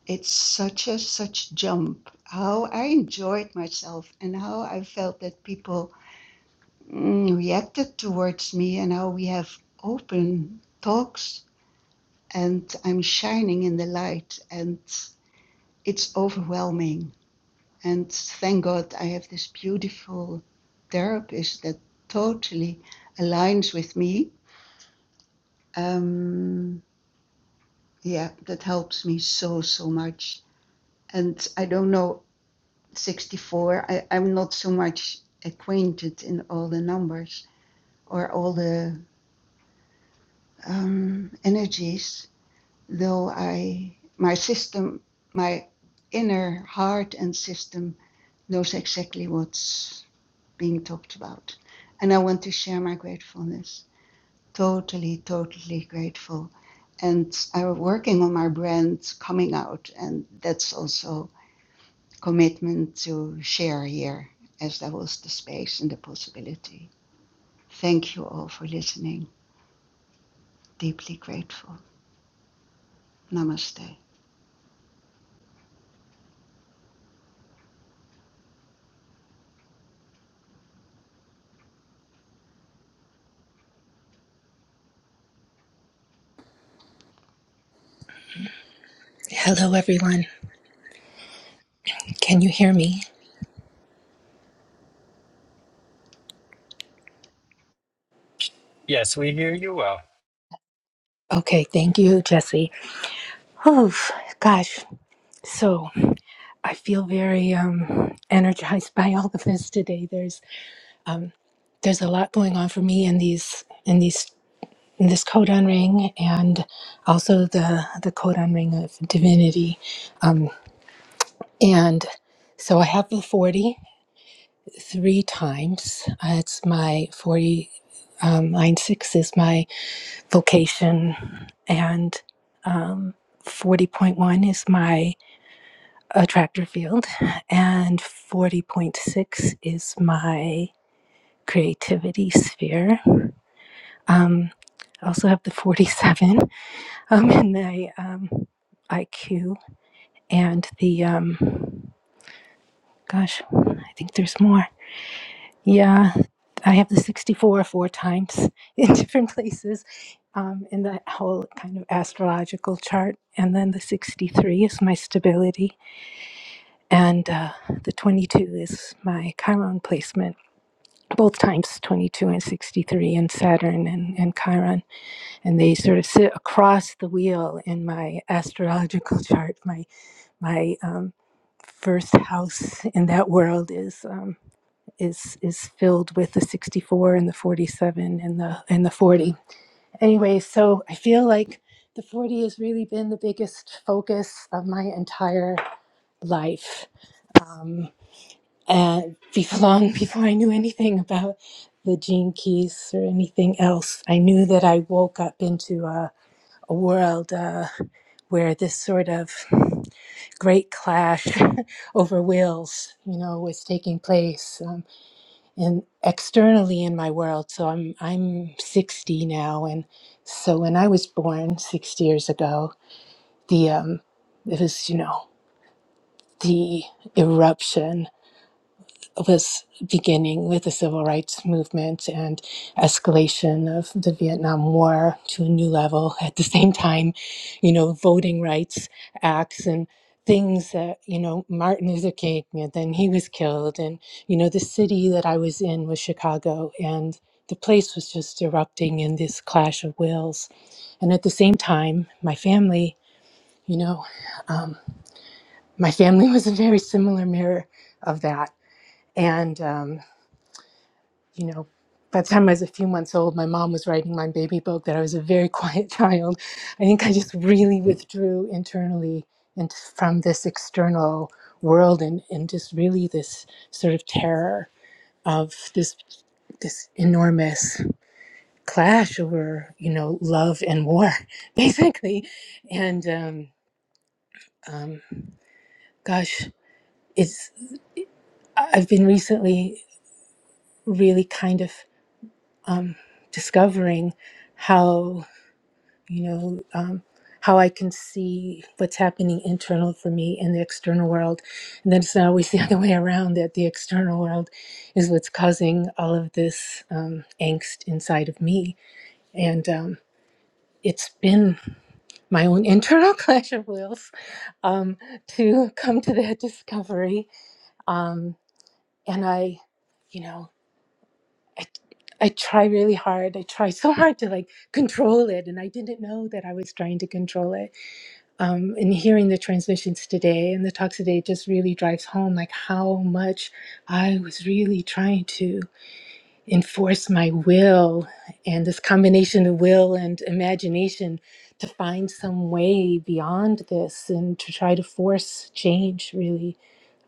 Speaker 6: it's such a such jump. How I enjoyed myself and how I felt that people mm, reacted towards me and how we have open talks and I'm shining in the light and it's overwhelming. And thank God I have this beautiful therapist that totally aligns with me. Um, yeah, that helps me so, so much. And I don't know, 64, I, I'm not so much acquainted in all the numbers or all the um, energies though I my system my inner heart and system knows exactly what's being talked about. And I want to share my gratefulness. Totally, totally grateful. And I'm working on my brand coming out, and that's also commitment to share here, as there was the space and the possibility. Thank you all for listening. Deeply grateful. Namaste.
Speaker 7: Hello, everyone. Can you hear me?
Speaker 1: Yes, we hear you well.
Speaker 7: Okay, thank you, Jesse. Oh, gosh. So I feel very um, energized <laughs> by all of this today. There's um, there's a lot going on for me in these in these in this codon ring and also the the codon ring of divinity. Um, and so I have the forty three times. Uh, it's my 40 um, line six is my vocation and um, 40.1 is my attractor field and 40.6 is my creativity sphere um, i also have the 47 <laughs> um, in my um, iq and the um, gosh i think there's more Yeah, I have the 64 four times <laughs> in different places um, in that whole kind of astrological chart. And then the 63 is my stability, and uh, the 22 is my Chiron placement, both times 22 and 63 and Saturn and, and Chiron. And they sort of sit across the wheel in my astrological <laughs> chart. My, my um, first house in that world is. Um, is is filled with the 64 and the 47 and the and the 40 anyway so i feel like the 40 has really been the biggest focus of my entire life um, and before long before i knew anything about the gene keys or anything else i knew that i woke up into a, a world uh, where this sort of great clash <laughs> over wills you know was taking place Um, and externally in my world. So I'm I'm 60 now, and so when I was born 60 years ago, the um, it was you know the eruption was beginning with the civil rights movement and escalation of the Vietnam War to a new level. <laughs> At the same time, you know, voting rights acts and things that, you know, Martin Luther King, and then he was killed. And, you know, the city that I was in was Chicago. And the place was just erupting in this clash of wills. And at the same time, my family, you know, um, my family <laughs> was a very similar mirror of that. And, um, you know, by the time I was a few months old, my mom was writing my baby book that I was a very <laughs> quiet child. I think I just really withdrew internally and from this external world and, and just really this sort of terror of this this enormous clash over you know love and war <laughs> basically and um, um, gosh it's I- i've been recently really kind of um, discovering how you know, um, how I can see what's happening internal for me in the external world. And then it's not always the <laughs> other way around that the external world is what's causing all of this um, angst inside of me. And um, it's been my own internal <laughs> clash of wills um, to come to that discovery. Um, and I, you know, I, I try really hard. I try so hard to like control it. And I didn't know that I was trying to control it um, and hearing the transmissions today and the talks today just really drives home like how much I was really trying to enforce my will and this combination of will and imagination to find some way beyond this and to try to force change really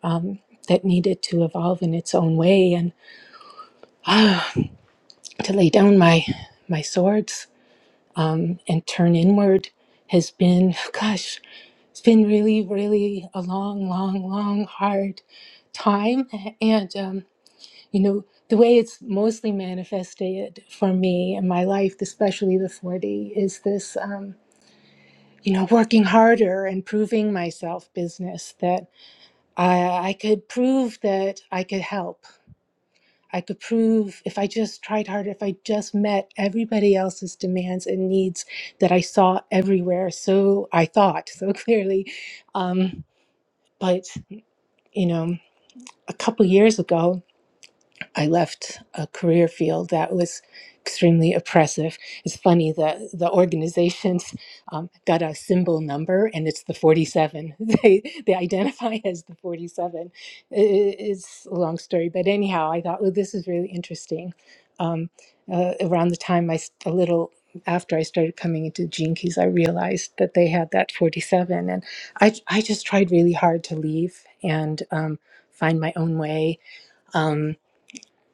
Speaker 7: um, that needed to evolve in its own way and ah, to lay down my my swords um, and turn inward has been gosh It's been really, really a long, long, long, hard time. And, um, you know, the way it's mostly manifested for me in my life, especially the 40, is this, um, you know, working harder and proving myself business that I, I could prove that I could help. I could prove if I just tried harder, if I just met everybody else's demands and needs that I saw everywhere. So I thought <laughs> so clearly. Um, but You know, a couple years ago, I left a career field that was extremely oppressive. It's funny the the organizations um, got a symbol number, and it's the forty seven. <laughs> They they identify as the forty seven. It's a long story, but anyhow, I thought, well, this is really interesting. Um, uh, around the time I s- a little after I started coming into Gene Keys, I realized that they had that forty seven, and I I just tried really hard to leave and um, find my own way. Um,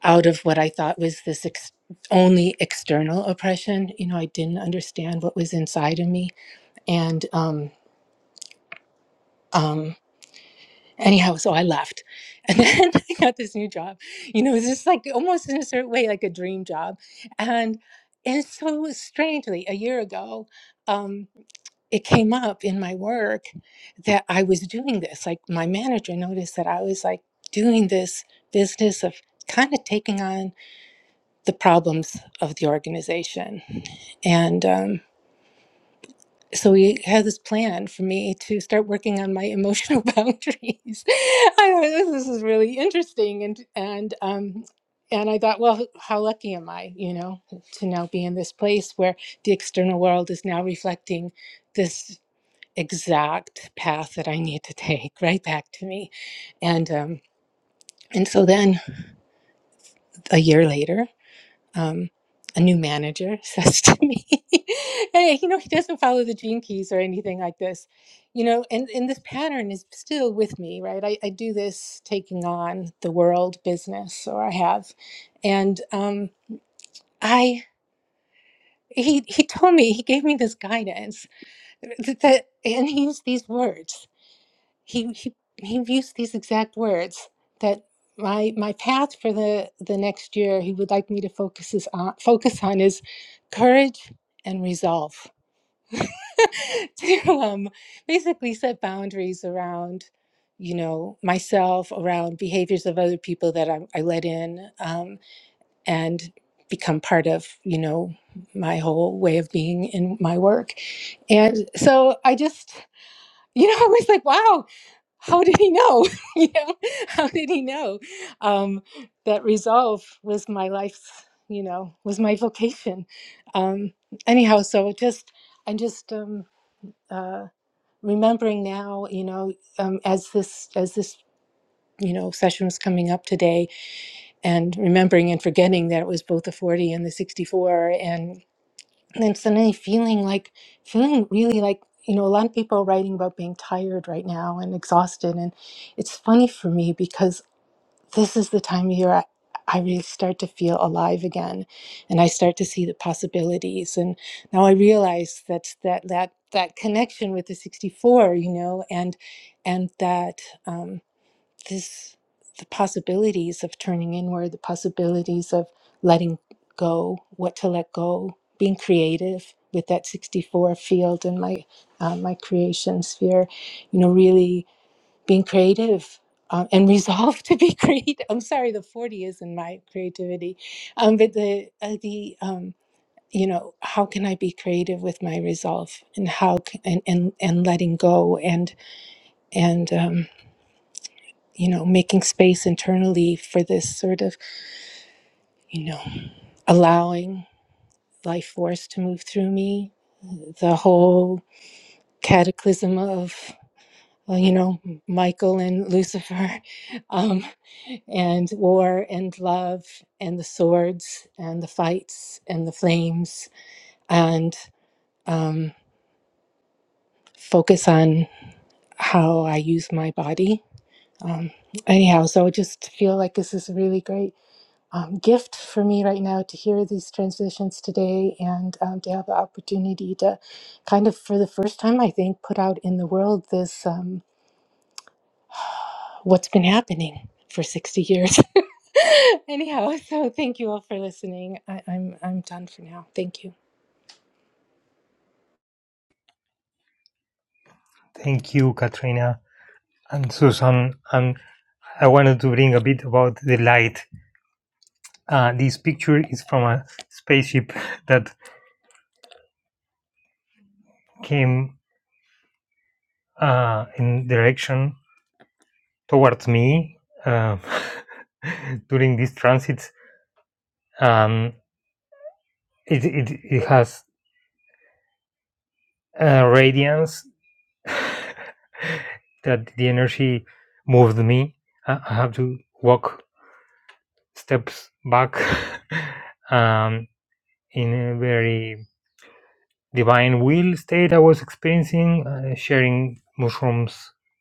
Speaker 7: out of what I thought was this ex- only external oppression. You know, I didn't understand what was inside of me. And um, um, anyhow, so I left. <laughs> And then I got this new job. You know, it's just like almost in a certain way, like a dream job. And and so strangely, a year ago, um, it came up in my work that I was doing this. Like my manager noticed that I was like doing this business of kind of taking on the problems of the organization. And um, so we had this plan for me to start working on my emotional <laughs> boundaries. I thought this, is really interesting, and and um, and I thought, well, how lucky am I, you know, to now be in this place where the external world is now reflecting this exact path that I need to take right back to me, and um, and so then a year later. um, a new manager <laughs> says to me, "Hey, you know, he doesn't follow the gene keys or anything like this." You know, and, and this pattern is still with me, right? I, I do this taking on the world business, or I have, and um, I he he told me he gave me this guidance that, that and he used these words he he he used these exact words that my my path for the the next year he would like me to focus is on focus on is courage and resolve <laughs> to um, basically set boundaries around you know myself around behaviors of other people that I, I let in um, and become part of you know my whole way of being in my work and so I just, you know, <laughs> I was like, wow, how did he know? <laughs> you know, how did he know um, that resolve was my life's, you know, was my vocation? Um, anyhow, so just I'm just um, uh, remembering now, you know, um, as this as this you know session was coming up today, and remembering and forgetting that it was both the 40 and the 64, and. And then suddenly feeling like, feeling really like, you know, a lot of people are writing about being tired right now and exhausted. And it's funny for me because this is the time of year I, I really start to feel alive again and I start to see the possibilities. And now I realize that's that, that, that connection with the 64, you know, and, and that, um, this the possibilities of turning inward the possibilities of letting go what to let go being creative with that 64 field and my uh, my creation sphere you know really being creative um, and resolve <laughs> to be creative i'm sorry the 40 is in my creativity um, but the uh, the um, you know how can i be creative with my resolve and how c and, and and letting go and and um, you know, making space internally for this sort of, you know, allowing life force to move through me. The whole cataclysm of, well, you know, Michael and Lucifer, <laughs> um, and war and love and the swords and the fights and the flames, and um, focus on how I use my body. Um, anyhow, so I just feel like this is really great. um, gift for me right now to hear these transitions today and um, to have the opportunity to kind of, for the first time, I think, put out in the world this um, what's been happening for 60 years. <laughs> Anyhow, so thank you all for listening. I, I'm, I'm done for now. Thank you.
Speaker 5: Thank you, Katrina and Susan. And I wanted to bring a bit about the light. Uh, this picture is from a spaceship <laughs> that came uh, in direction towards me uh, <laughs> during this transit. Um, it, it, it has a radiance that the energy moved me. I have to walk steps back <laughs> um, in a very divine will state I was experiencing, uh, sharing mushrooms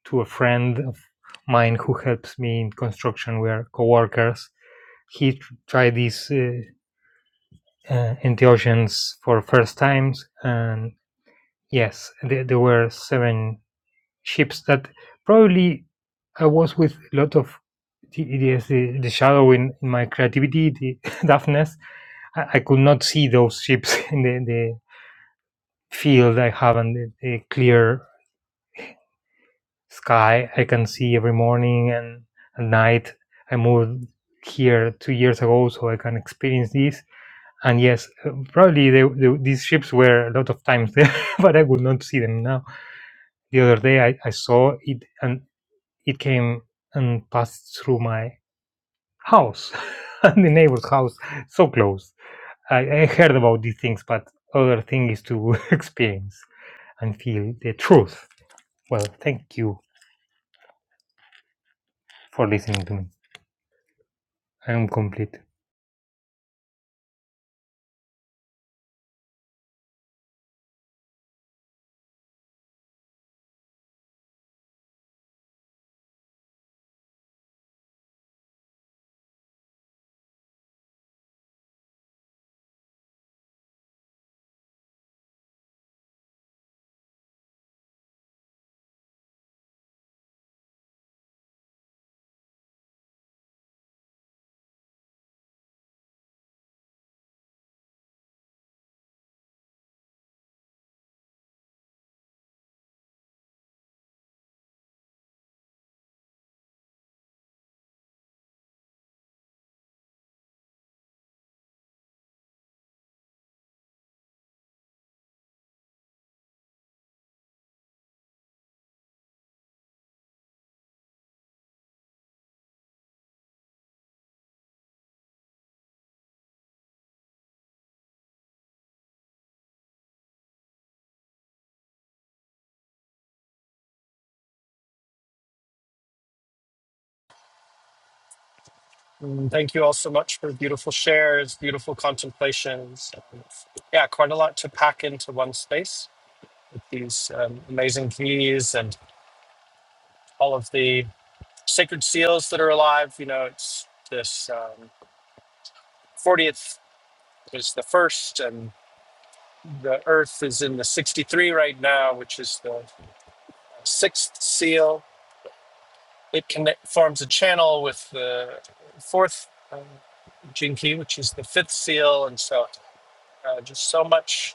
Speaker 5: to a friend of mine who helps me in construction. We are coworkers. He tr- tried these uh, uh, entheogens for first times, and yes, there, there were seven ships that probably I was with a lot of. The, yes, the, the shadow in, in my creativity, the <laughs> darkness, I, I could not see those ships <laughs> in the, the field I have and the, the clear sky I can see every morning and at night. I moved here two years ago, so I can experience this. And yes, uh, probably the, the, these ships were a lot of times there, <laughs> but I would not see them now. The other day I, I saw it and it came and passed through my house <laughs> and the neighbor's house, so close. I, I heard about these things, but other thing is to <laughs> experience and feel the truth. Well, thank you for listening to me. I'm complete.
Speaker 1: Mm, Thank you all so much for beautiful shares, beautiful contemplations. Yeah, quite a lot to pack into one space with these um, amazing keys and all of the sacred seals that are alive. You know, it's this um, 40th is the first, The Earth is in the 63 right now, which is the sixth seal. It connect, forms a channel with the fourth uh, Jinki, which is the fifth seal, and so uh, just so much,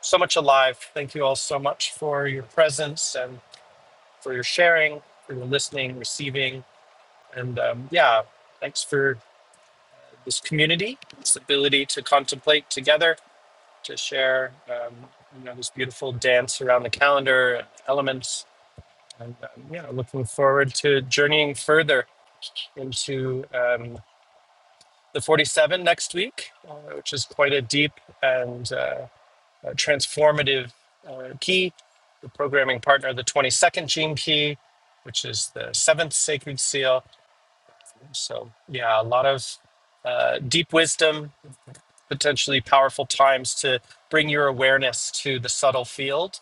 Speaker 1: so much alive. Thank you all so much for your presence and for your sharing, for your listening, receiving, and um, yeah, thanks for this community, this ability to contemplate together, to share, um, you know, this beautiful dance around the calendar elements And um, yeah, looking forward to journeying further into um, the 47 next week, uh, which is quite a deep and uh, uh, transformative uh, key. The programming partner, the 22nd gene key, which is the seventh sacred seal. So, yeah, a lot of uh, deep wisdom, potentially powerful times to bring your awareness to the subtle field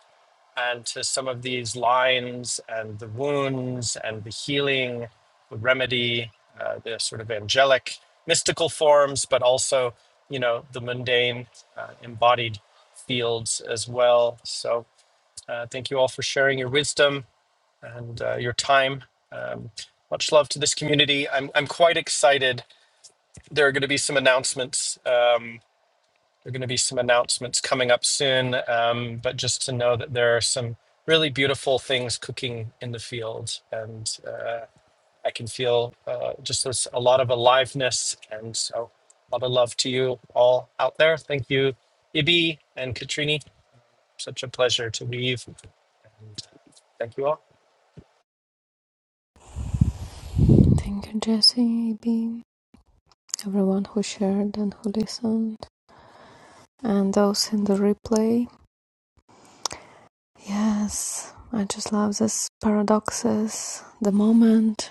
Speaker 1: and to some of these lines and the wounds and the healing, the remedy, uh, the sort of angelic, mystical forms, but also, you know, the mundane, uh, embodied fields as well. So, uh, thank you all for sharing your wisdom and uh, your time. Um, much love to this community. I'm, I'm quite excited. There are going to be some announcements. Um, there are going to be some announcements coming up soon, um, but just to know that there are some really beautiful things cooking in the field, and uh, I can feel uh, just there's a lot of aliveness, and so a lot of love to you all out there. Thank you, Ibi and Katrini. Such a pleasure to weave. Thank you all.
Speaker 2: Thank you, Jesse, AB, everyone who shared and who listened, and those in the replay. Yes, I just love this paradoxes. The moment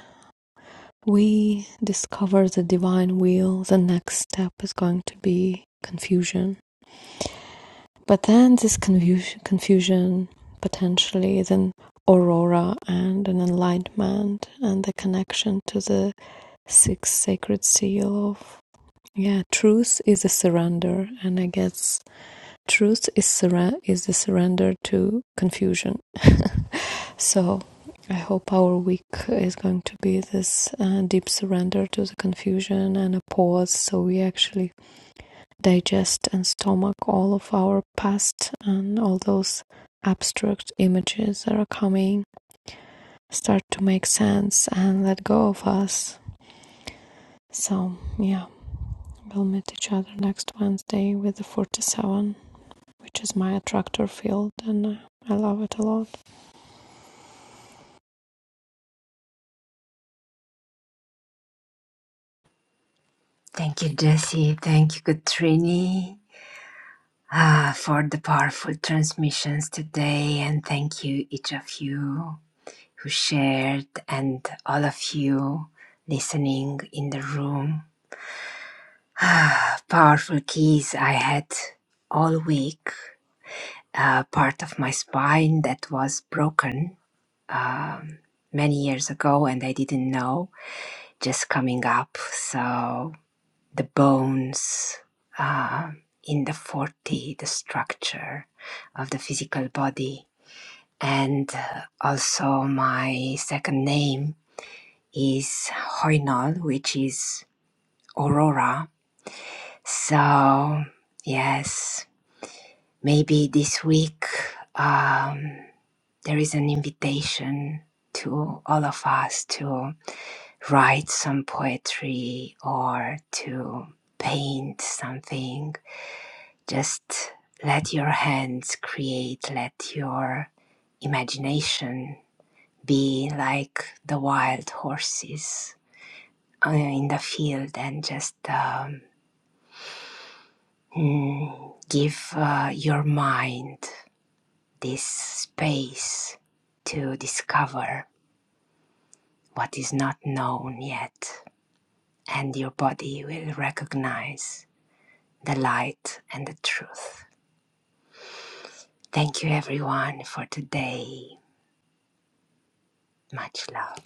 Speaker 2: we discover the divine will, the next step is going to be confusion. But then this confusion, confusion potentially is an aurora and an enlightenment and the connection to the sixth sacred seal of yeah, truth is a surrender, and I guess truth is surre- is the surrender to confusion. <laughs> So I hope our week is going to be this uh, deep surrender to the confusion and a pause so we actually digest and stomach all of our past and all those abstract images that are coming start to make sense and let go of us. So, yeah, we'll meet each other next Wednesday with the 47, which is my attractor field, and uh, I love it a lot.
Speaker 3: thank you jesse thank you katrini ah, for the powerful transmissions today and thank you each of you who shared, and all of you listening in the room. <sighs> Powerful keys I had all week. A part of my spine that was broken um, many years ago, and I didn't know, just coming up. So the bones um in the 40, the structure of the physical body, and uh, also my second name is Hoinol, which is Aurora. So, yes, maybe this week um, there is an invitation to all of us to write some poetry or to paint something. Just let your hands create, let your imagination be like the wild horses uh, in the field and just. Um, Mm, give uh, your mind this space to discover what is not known yet, and your body will recognize the light and the truth. Thank you, everyone, for today. Much love.